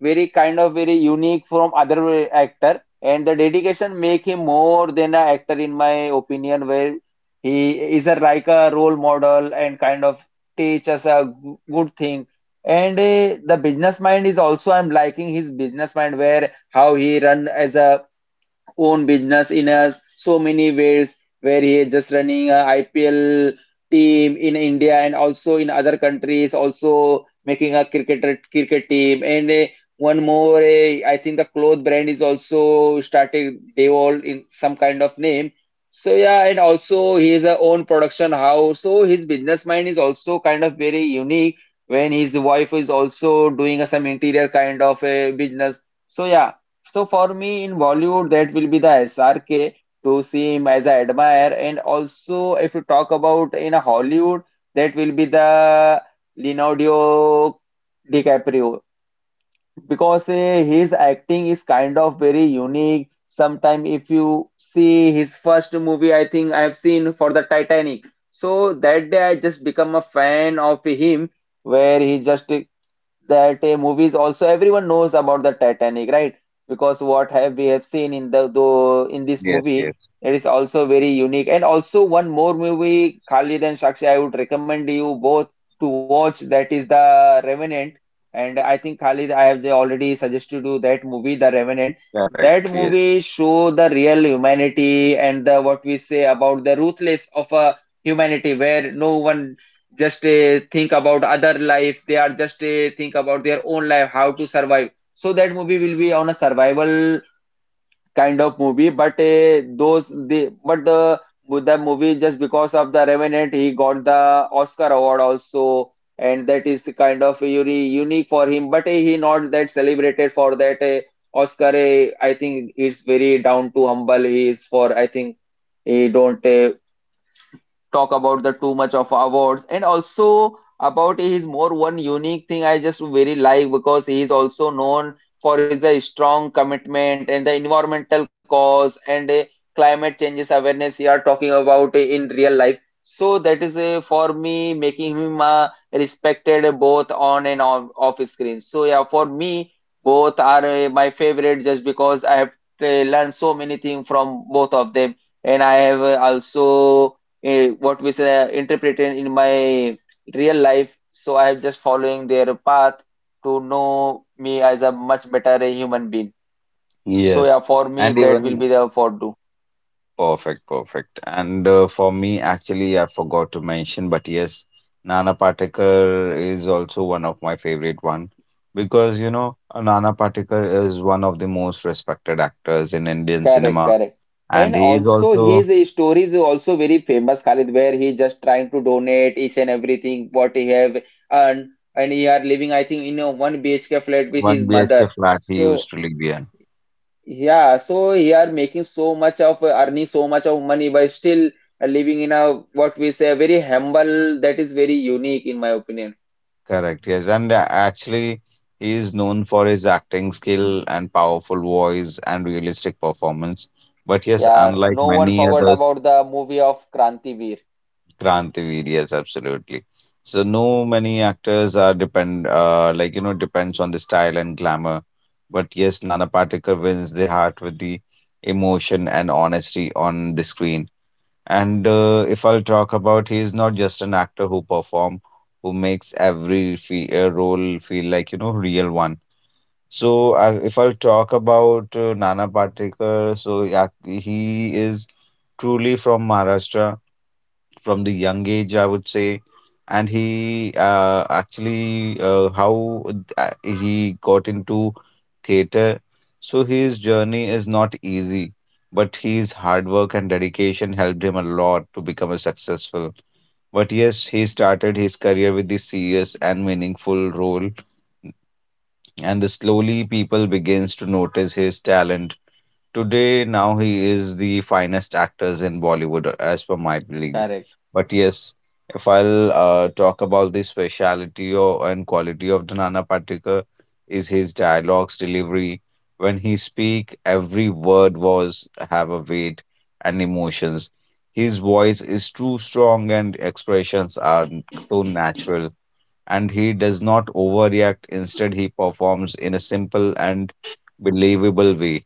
Speaker 1: very kind of very unique from other actor, and the dedication make him more than an actor in my opinion, where he is a like a role model and kind of teach us a good thing. And the business mind is also, I'm liking his business mind, where how he run as a own business in us so many ways, where he is just running a IPL team in India and also in other countries, also making a cricketer cricket team, and one more, I think the cloth brand is also started, they all in some kind of name. So yeah, and also he is a own production house, so his business mind is also kind of very unique, when his wife is also doing a some interior kind of a business. So yeah, so for me in Bollywood, that will be the SRK to see him as I admire. And also, if you talk about in a Hollywood, that will be the Leonardo DiCaprio, because his acting is kind of very unique. Sometime if you see his first movie, I think I have seen for the Titanic. So that day I just become a fan of him, where he just that movies also everyone knows about the Titanic, right? Because what have we have seen in the though in this
Speaker 3: Yes,
Speaker 1: movie,
Speaker 3: yes,
Speaker 1: it is also very unique. And also one more movie, Khalid and Sakshi, I would recommend you both to watch. That is the Revenant. And I think Khalid, have already suggested you that movie, The Revenant.
Speaker 3: correct.
Speaker 1: That
Speaker 3: Yes.
Speaker 1: movie show the real humanity and the what we say about the ruthless of a humanity, where no one just think about other life, they are just think about their own life, how to survive. So that movie will be on a survival kind of movie, but those the but the movie, just because of the revenant, he got the oscar award also, and that is kind of unique for him, but he not that celebrated for that oscar, I think it's very down to humble he is for, I think he don't talk about the too much of awards. And also about his more one unique thing I just very like, because he is also known for his strong commitment and the environmental cause and climate changes awareness we are talking about in real life. So that is for me making him respected both on and off, off screen. So yeah, for me both are my favorite, just because I have learned so many things from both of them, and I have also what we say interpreted in my real life. So I am just following their path to know me as a much better a human being. So yeah,
Speaker 3: Yes.
Speaker 1: for me
Speaker 3: And
Speaker 1: that will be
Speaker 3: even,
Speaker 1: the for do.
Speaker 3: perfect, perfect. And for me, actually, I forgot to mention, but yes, Nana Patekar is also one of my favorite one, because you know Nana Patekar is one of the most respected actors in Indian
Speaker 1: Correct,
Speaker 3: cinema,
Speaker 1: correct. And
Speaker 3: and he is
Speaker 1: also
Speaker 3: also
Speaker 1: his story is also very famous, Khalid, where he just trying to donate each and everything what he have earned, and he are living, I think, in a one BHK flat with
Speaker 3: one
Speaker 1: his
Speaker 3: BHK
Speaker 1: mother.
Speaker 3: flat he
Speaker 1: So
Speaker 3: used to live in.
Speaker 1: yeah, so he are making so much of earning so much of money by still living in a what we say very humble that is very unique in my opinion.
Speaker 3: Correct, yes. And actually, he is known for his acting skill and powerful voice and realistic performance. But yes,
Speaker 1: Yeah,
Speaker 3: unlike
Speaker 1: no one
Speaker 3: many
Speaker 1: forgot
Speaker 3: other.
Speaker 1: about the movie of Kranti Veer.
Speaker 3: Krantivir, yes, absolutely. So no many actors are depend, like depends on the style and glamour. But yes, Nana Patekar wins the heart with the emotion and honesty on the screen. And if I'll talk about, he is not just an actor who perform, who makes every fe role feel like, real one. So if I'll talk about Nana Patekar, so yeah, he is truly from Maharashtra from the young age, I would say. And he, actually, how he got into theater. So his journey is not easy, but his hard work and dedication helped him a lot to become a successful. But yes, he started his career with this serious and meaningful role, and the slowly people begins to notice his talent. Today now he is the finest actors in Bollywood, as per my belief.
Speaker 1: Correct,
Speaker 3: But yes, if I'll talk about the speciality or, and quality of the Nana Patekar, is his dialogues delivery. When he speak, every word was have a weight and emotions. His voice is too strong and expressions are so natural. And he does not overreact. Instead, he performs in a simple and believable way.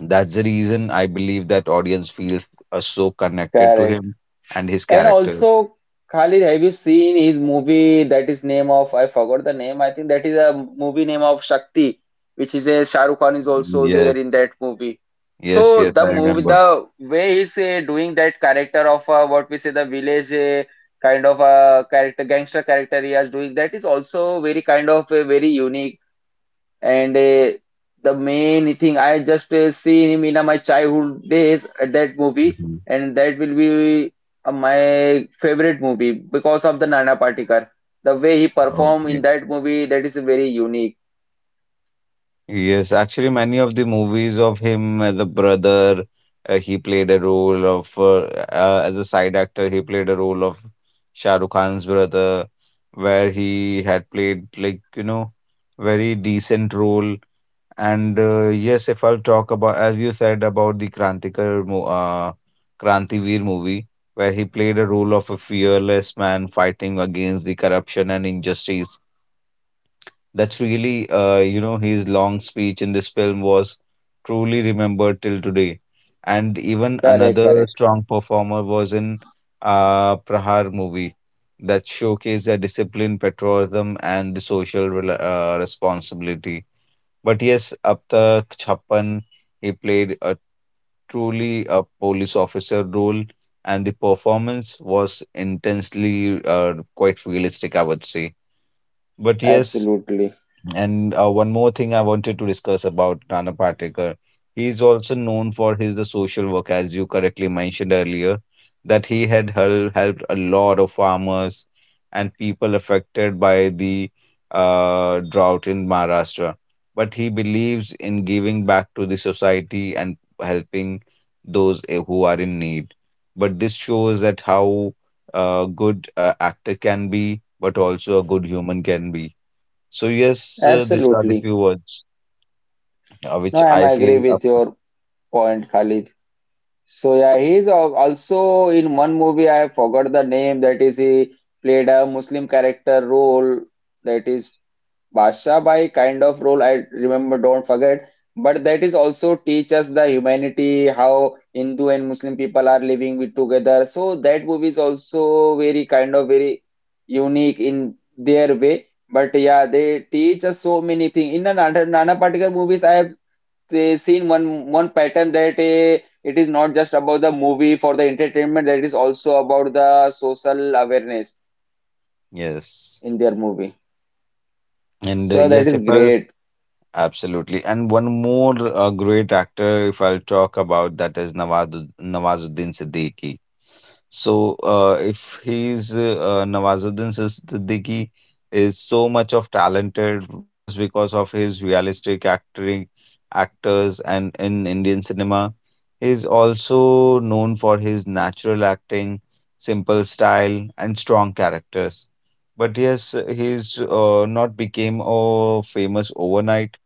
Speaker 3: That's the reason I believe that audience feels so connected to
Speaker 1: correct.
Speaker 3: him and his
Speaker 1: And
Speaker 3: character.
Speaker 1: also, Khalid, have you seen his movie that is name of I forgot the name? I think that is a movie name of Shakti, which is a Shah Rukh Khan is also there
Speaker 3: Yes,
Speaker 1: in that movie.
Speaker 3: yes,
Speaker 1: So
Speaker 3: yes,
Speaker 1: the
Speaker 3: I
Speaker 1: movie,
Speaker 3: remember.
Speaker 1: the way he's doing that character of what we say the village kind of a character, gangster character he is doing that is also very kind of a very unique and the main thing I just see him in my childhood days at that movie,
Speaker 3: Hmm.
Speaker 1: and that will be my favorite movie because of the Nana Patekar. The way he perform in
Speaker 3: Okay.
Speaker 1: that movie, that is very unique.
Speaker 3: Yes, actually, many of the movies of him as a brother, he played a role of, as a side actor, he played a role of Shah Rukh Khan's brother, where he had played, like, very decent role. And yes, if I'll talk about, as you said, about the Krantivir movie, where he played a role of a fearless man fighting against the corruption and injustice. That's really, his long speech in this film was truly remembered till today. And even
Speaker 1: Correct,
Speaker 3: another
Speaker 1: correct.
Speaker 3: strong performer was in Prahar movie, that showcased their discipline, patriotism, and the social responsibility. But yes, up the Chappan, he played a truly a police officer role, and the performance was intensely, quite realistic, I would say. But yes,
Speaker 1: Absolutely,
Speaker 3: and one more thing I wanted to discuss about Nana Patekar. He is also known for his the social work, as you correctly mentioned earlier, that he had helped a lot of farmers and people affected by the drought in Maharashtra. But he believes in giving back to the society and helping those, who are in need. But this shows that how a good actor can be, but also a good human can be. So yes, these are the
Speaker 1: absolutely.
Speaker 3: few words
Speaker 1: No,
Speaker 3: which
Speaker 1: I'm
Speaker 3: I feel
Speaker 1: agree
Speaker 3: up.
Speaker 1: with your point, Khalid. So yeah, he's also in one movie. I forgot the name. That is, he played a Muslim character role. That is Basha Bai kind of role, I remember, don't forget. But that is also teach us the humanity, how Hindu and Muslim people are living with together. So that movie is also very kind of very unique in their way. But yeah, they teach us so many things. In the Nana Patekar movies, I have seen one pattern that it is not just about the movie for the entertainment, that is also about the social awareness
Speaker 3: Yes,
Speaker 1: in their movie.
Speaker 3: and
Speaker 1: So that
Speaker 3: yes,
Speaker 1: is
Speaker 3: if I,
Speaker 1: great.
Speaker 3: absolutely. And one more great actor, if I'll talk about that is Nawazuddin Siddiqui. So if he's Nawazuddin Siddiqui is so much of talented just because of his realistic acting actors and in Indian cinema, he's also known for his natural acting, simple style, and strong characters. But yes, he's not became famous overnight.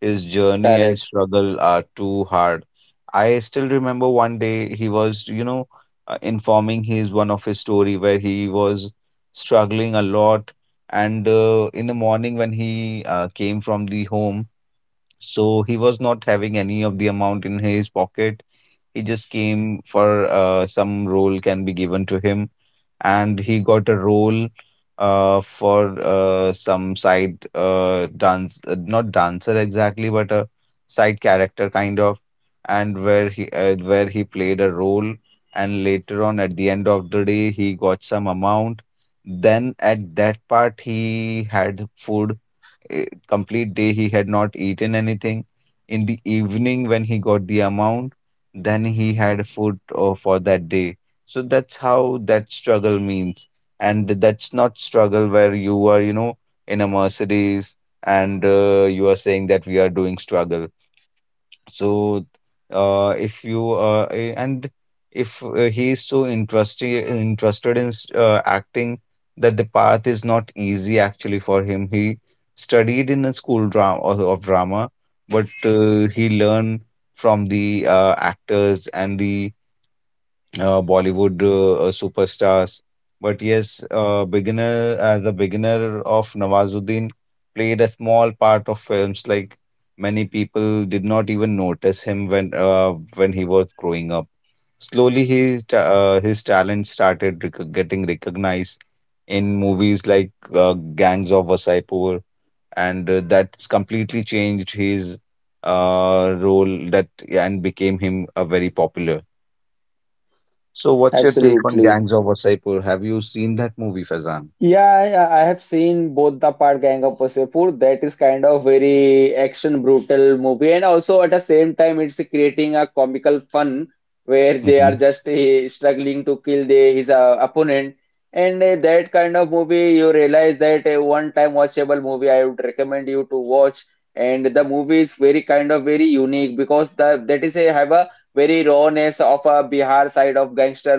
Speaker 3: His journey and
Speaker 1: Correct.
Speaker 3: struggle are too hard. I still remember, one day he was, informing his one of his story where he was struggling a lot. And in the morning when he came from the home, so he was not having any of the amount in his pocket. He just came for some roll can be given to him and he got a role, for some side dance, not dancer exactly, but a side character kind of, and where he played a role, and later on at the end of the day he got some amount. Then at that part he had food, complete day he had not eaten anything. In the evening, when he got the amount, then he had food, for that day. So that's how that struggle means. And that's not struggle where you are, in a Mercedes, and you are saying that we are doing struggle. So, if you eh, and if he is so interested in acting, that the path is not easy actually for him. He studied in a school drama of drama, but he learned from the actors and the Bollywood superstars. But yes, beginner as a beginner of Nawazuddin played a small part of films. Like, many people did not even notice him when he was growing up. Slowly, his talent started getting recognized in movies like Gangs of Wasaipur, and that's completely changed his role. That, yeah, and became him a very popular. So, what's your take on
Speaker 1: Absolutely.
Speaker 3: Gangs of Wasseypur? Have you seen that movie, Fazan?
Speaker 1: Yeah, I have seen both the part Gang of Wasseypur. That is kind of very action brutal movie, and also at the same time, it's creating a comical fun where they are
Speaker 3: Mm-hmm.
Speaker 1: just struggling to kill the, his opponent. And that kind of movie, you realize that a one-time watchable movie. I would recommend you to watch. And the movie is very kind of very unique because the that is a have a very rawness of a Bihar side of gangster,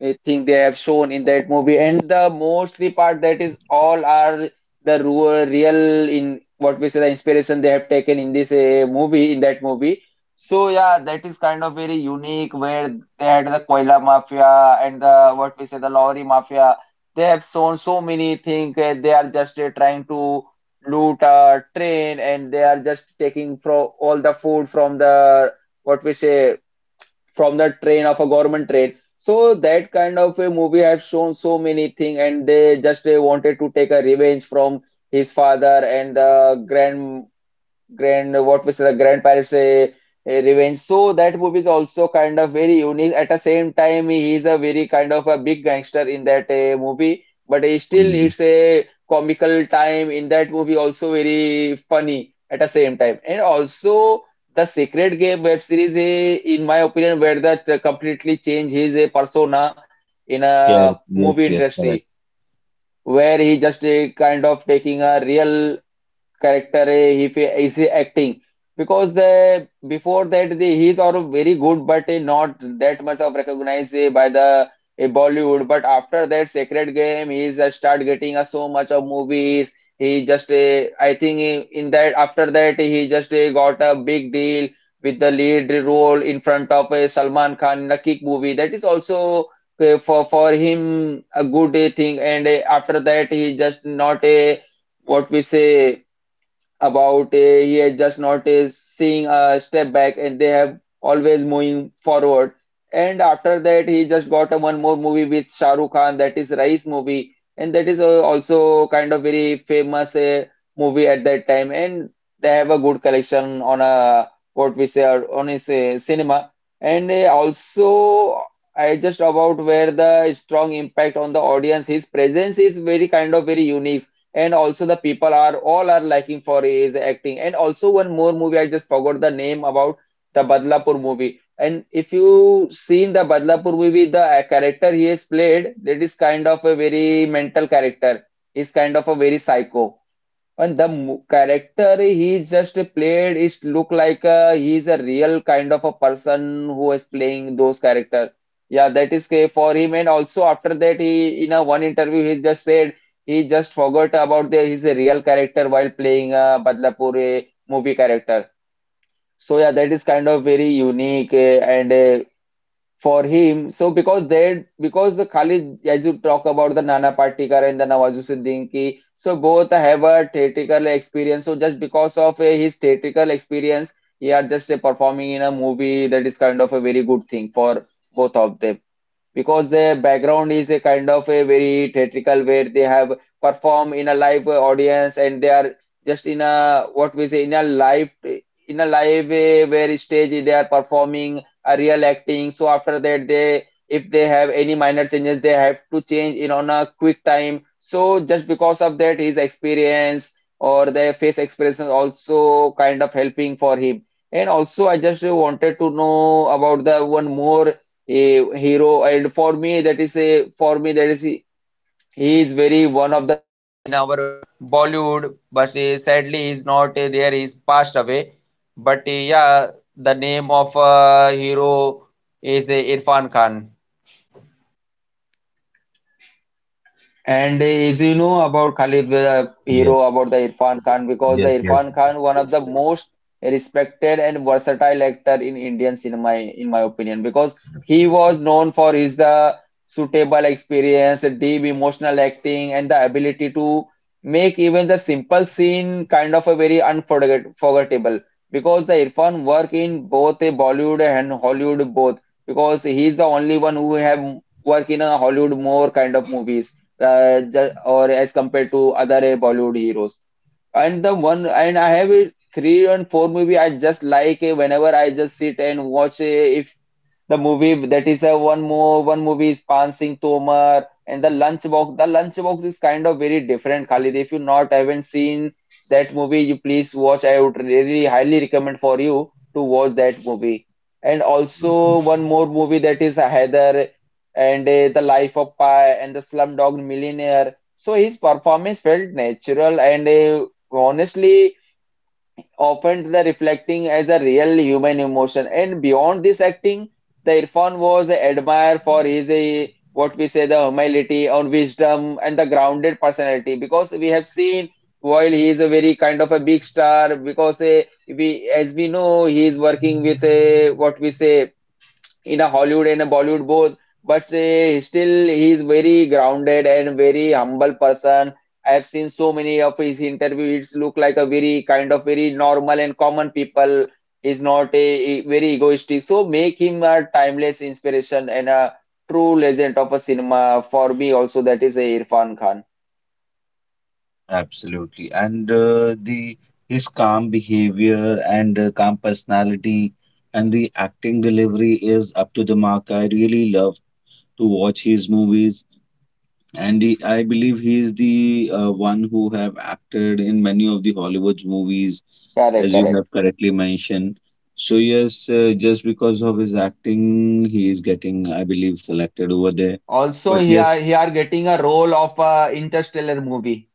Speaker 1: I think they have shown in that movie, and the mostly part that is all are the real in what we say the inspiration they have taken in this movie, in that movie. So yeah, that is kind of very unique where they had the Koila Mafia and the what we say the Lorry Mafia, they have shown so many things. They are just trying to loot a train, and they are just taking from all the food from the what we say from the train of a government train. So that kind of a movie have shown so many things, and they just wanted to take a revenge from his father and the grand what we say the grandparents revenge. So that movie is also kind of very unique. At the same time he is a very kind of a big gangster in that movie, but still
Speaker 3: Mm-hmm.
Speaker 1: it's a comical time in that movie, also very funny at the same time. And also the Secret Game web series, in my opinion, where that completely changed his persona in a
Speaker 3: Yes,
Speaker 1: movie
Speaker 3: yes, yes,
Speaker 1: industry,
Speaker 3: correct.
Speaker 1: where he just kind of taking a real character. He is he acting because the before that the he's are very good but not that much of recognized by the Bollywood. But after that Sacred Game he just start getting so much of movies. He just I think in that after that he just got a big deal with the lead role in front of Salman Khan in the Kick movie. That is also for him a good thing. And after that he just not a what we say about he had just noticed seeing a step back and they have always moving forward. And after that he just got a one more movie with Shah Rukh Khan, that is Rise movie, and that is also kind of very famous movie at that time, and they have a good collection on a what we say or on his cinema. And also I just about where the strong impact on the audience, his presence is very kind of very unique, and also the people are all are liking for his acting. And also one more movie I just forgot the name about, the Badlapur movie. And if you seen the Badlapur movie, the character he has played, that is kind of a very mental character. He's kind of a very psycho, and the character he just played, it look like he is a real kind of a person who is playing those character. Yeah, that is okay for him. And also after that, he in a one interview he just said he just forgot about the his real character while playing a Badlapur movie character. So yeah, that is kind of very unique eh, and for him. So because they because the Khalid, as you talk about the Nana Patekar and the Nawazuddin, so both have a theatrical experience. So just because of a, his theatrical experience, he are just performing in a movie. That is kind of a very good thing for both of them, because the background is a kind of a very theatrical where they have performed in a live audience, and they are just in a what we say in a live where stage they are performing a real acting. So after that they, if they have any minor changes they have to change in on a quick time, so just because of that his experience or their face expression also kind of helping for him. And also I just wanted to know about the one more a hero, and for me that is a for me that is he is very one of the in our Bollywood, but sadly he's not there, he's passed away. But yeah, the name of hero is Irfan Khan. And as you know about Khalid, the
Speaker 3: Yes,
Speaker 1: hero about the Irfan Khan, because the
Speaker 3: yes, yes,
Speaker 1: Irfan Khan, one of the most respected and versatile actor in Indian cinema, in my opinion, because he
Speaker 3: absolutely.
Speaker 1: was known for his the suitable experience, deep emotional acting, and the ability to make even the simple scene kind of a very unforgettable. Because the Irfan work in both a Bollywood and Hollywood both, because he is the only one who have work in a Hollywood more kind of movies or as compared to other Bollywood heroes. And the one I have a three and four movie I just like whenever I just sit and watch if the movie, that is a one more one movie is Pan Singh Tomar and the Lunchbox. The Lunchbox is kind of very different, Khalid. If you not haven't seen that movie, you please watch. I would really highly recommend for you to watch that movie. And also one more movie that is a Heather, and The Life of Pi and The Slumdog Millionaire. So his performance felt natural and honestly often the reflecting as a real human emotion. And beyond this acting, the Irfan was admired for his what we say the humility or wisdom and the grounded personality, because we have seen while he is a very kind of a big star because we as we know he is working with a what we say in a Hollywood and a Bollywood both, but still he is very grounded and very humble person. I have seen so many of his interviews look like a very kind of very normal and common people. He's not a, a very egoistic, so make him a timeless inspiration and a true legend of a cinema for me. Also, that is a Irfan Khan.
Speaker 3: Absolutely. And the his calm behavior and calm personality and the acting delivery is up to the mark. I really love to watch his movies. And he, I believe he is the one who have acted in many of the Hollywood movies,
Speaker 1: Correct,
Speaker 3: as you
Speaker 1: correct.
Speaker 3: have correctly mentioned. So yes, just because of his acting, he is getting, I believe, selected over there.
Speaker 1: Also,
Speaker 3: But
Speaker 1: he
Speaker 3: yes,
Speaker 1: are he are getting a role of a Interstellar movie.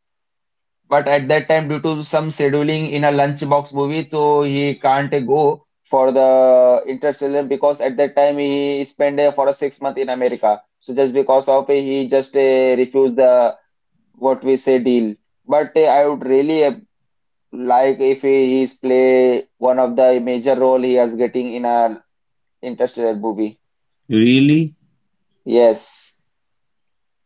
Speaker 1: But at that time due to some scheduling in a Lunchbox movie, so he can't go for the Interstellar, because at that time he spent for a 6 months in America. So just because of it, he just refused the what we say deal. But I would really like if he is play one of the major role he is getting in a Interstellar movie.
Speaker 3: really,
Speaker 1: Yes.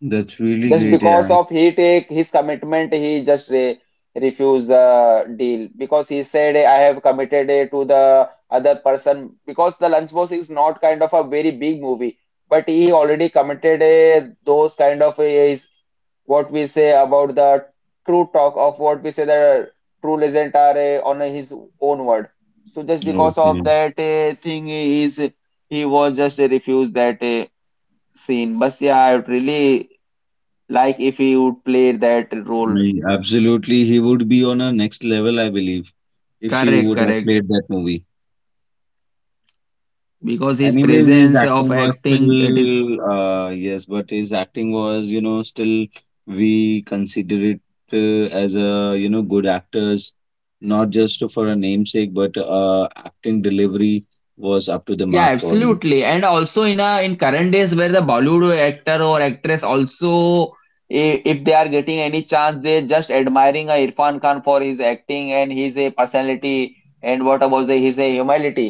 Speaker 3: that's really
Speaker 1: Just
Speaker 3: great.
Speaker 1: because
Speaker 3: Yeah.
Speaker 1: of he take his commitment, he just re refused the deal, because he said, I have committed it to the other person. Because the Lunchbox is not kind of a very big movie, but he already committed those kind of his what we say about the true talk of what we say the true legend are on his own word. So just because
Speaker 3: Okay.
Speaker 1: of that thing, he is he was just refused that scene. But yeah, I really like if he would play that role.
Speaker 3: Absolutely, he would be on a next level, I believe, if he
Speaker 1: Correct,
Speaker 3: would have
Speaker 1: correct.
Speaker 3: played that movie.
Speaker 1: Because his
Speaker 3: Anyways, his
Speaker 1: presence of
Speaker 3: acting was
Speaker 1: acting, it is
Speaker 3: still, yes, but his acting was, still we consider it as a, good actors, not just for a namesake, but acting delivery was up to the
Speaker 1: yeah,
Speaker 3: mark for him.
Speaker 1: absolutely. And also in a in current days where the Bollywood actor or actress also, if they are getting any chance, they're just admiring a Irfan Khan for his acting and his a personality and what about the, his a humility.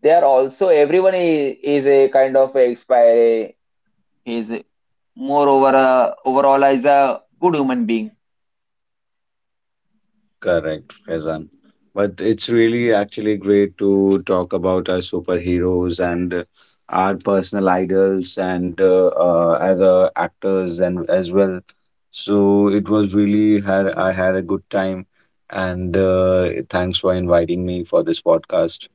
Speaker 1: They are also everyone is a kind of a expire. He's a- Moreover a, overall is a good human being.
Speaker 3: Correct, Faizan. But it's really actually great to talk about our superheroes and our personal idols and other actors and as well. So it was really, had I had a good time, and thanks for inviting me for this podcast.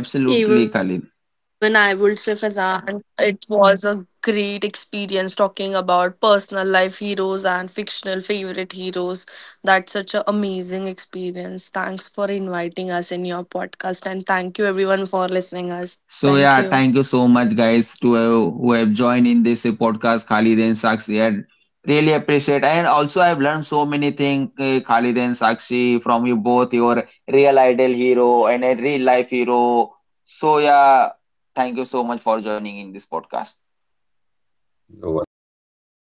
Speaker 2: Even I would say,
Speaker 1: Khalid.
Speaker 2: Fazan, it was a great experience talking about personal life heroes and fictional favorite heroes. That's such an amazing experience. Thanks for inviting us in your podcast and thank you everyone for listening us. Thank you.
Speaker 1: So yeah, thank you so much, guys, to who have joined in this podcast, Khalid and Sakshi. I really appreciate, and also I've learned so many things, Khalid and Sakshi, from you both, your real idol hero and a real life hero. So yeah, thank you so much for joining in this podcast.
Speaker 3: You're
Speaker 2: Thanks a
Speaker 3: welcome.
Speaker 2: lot.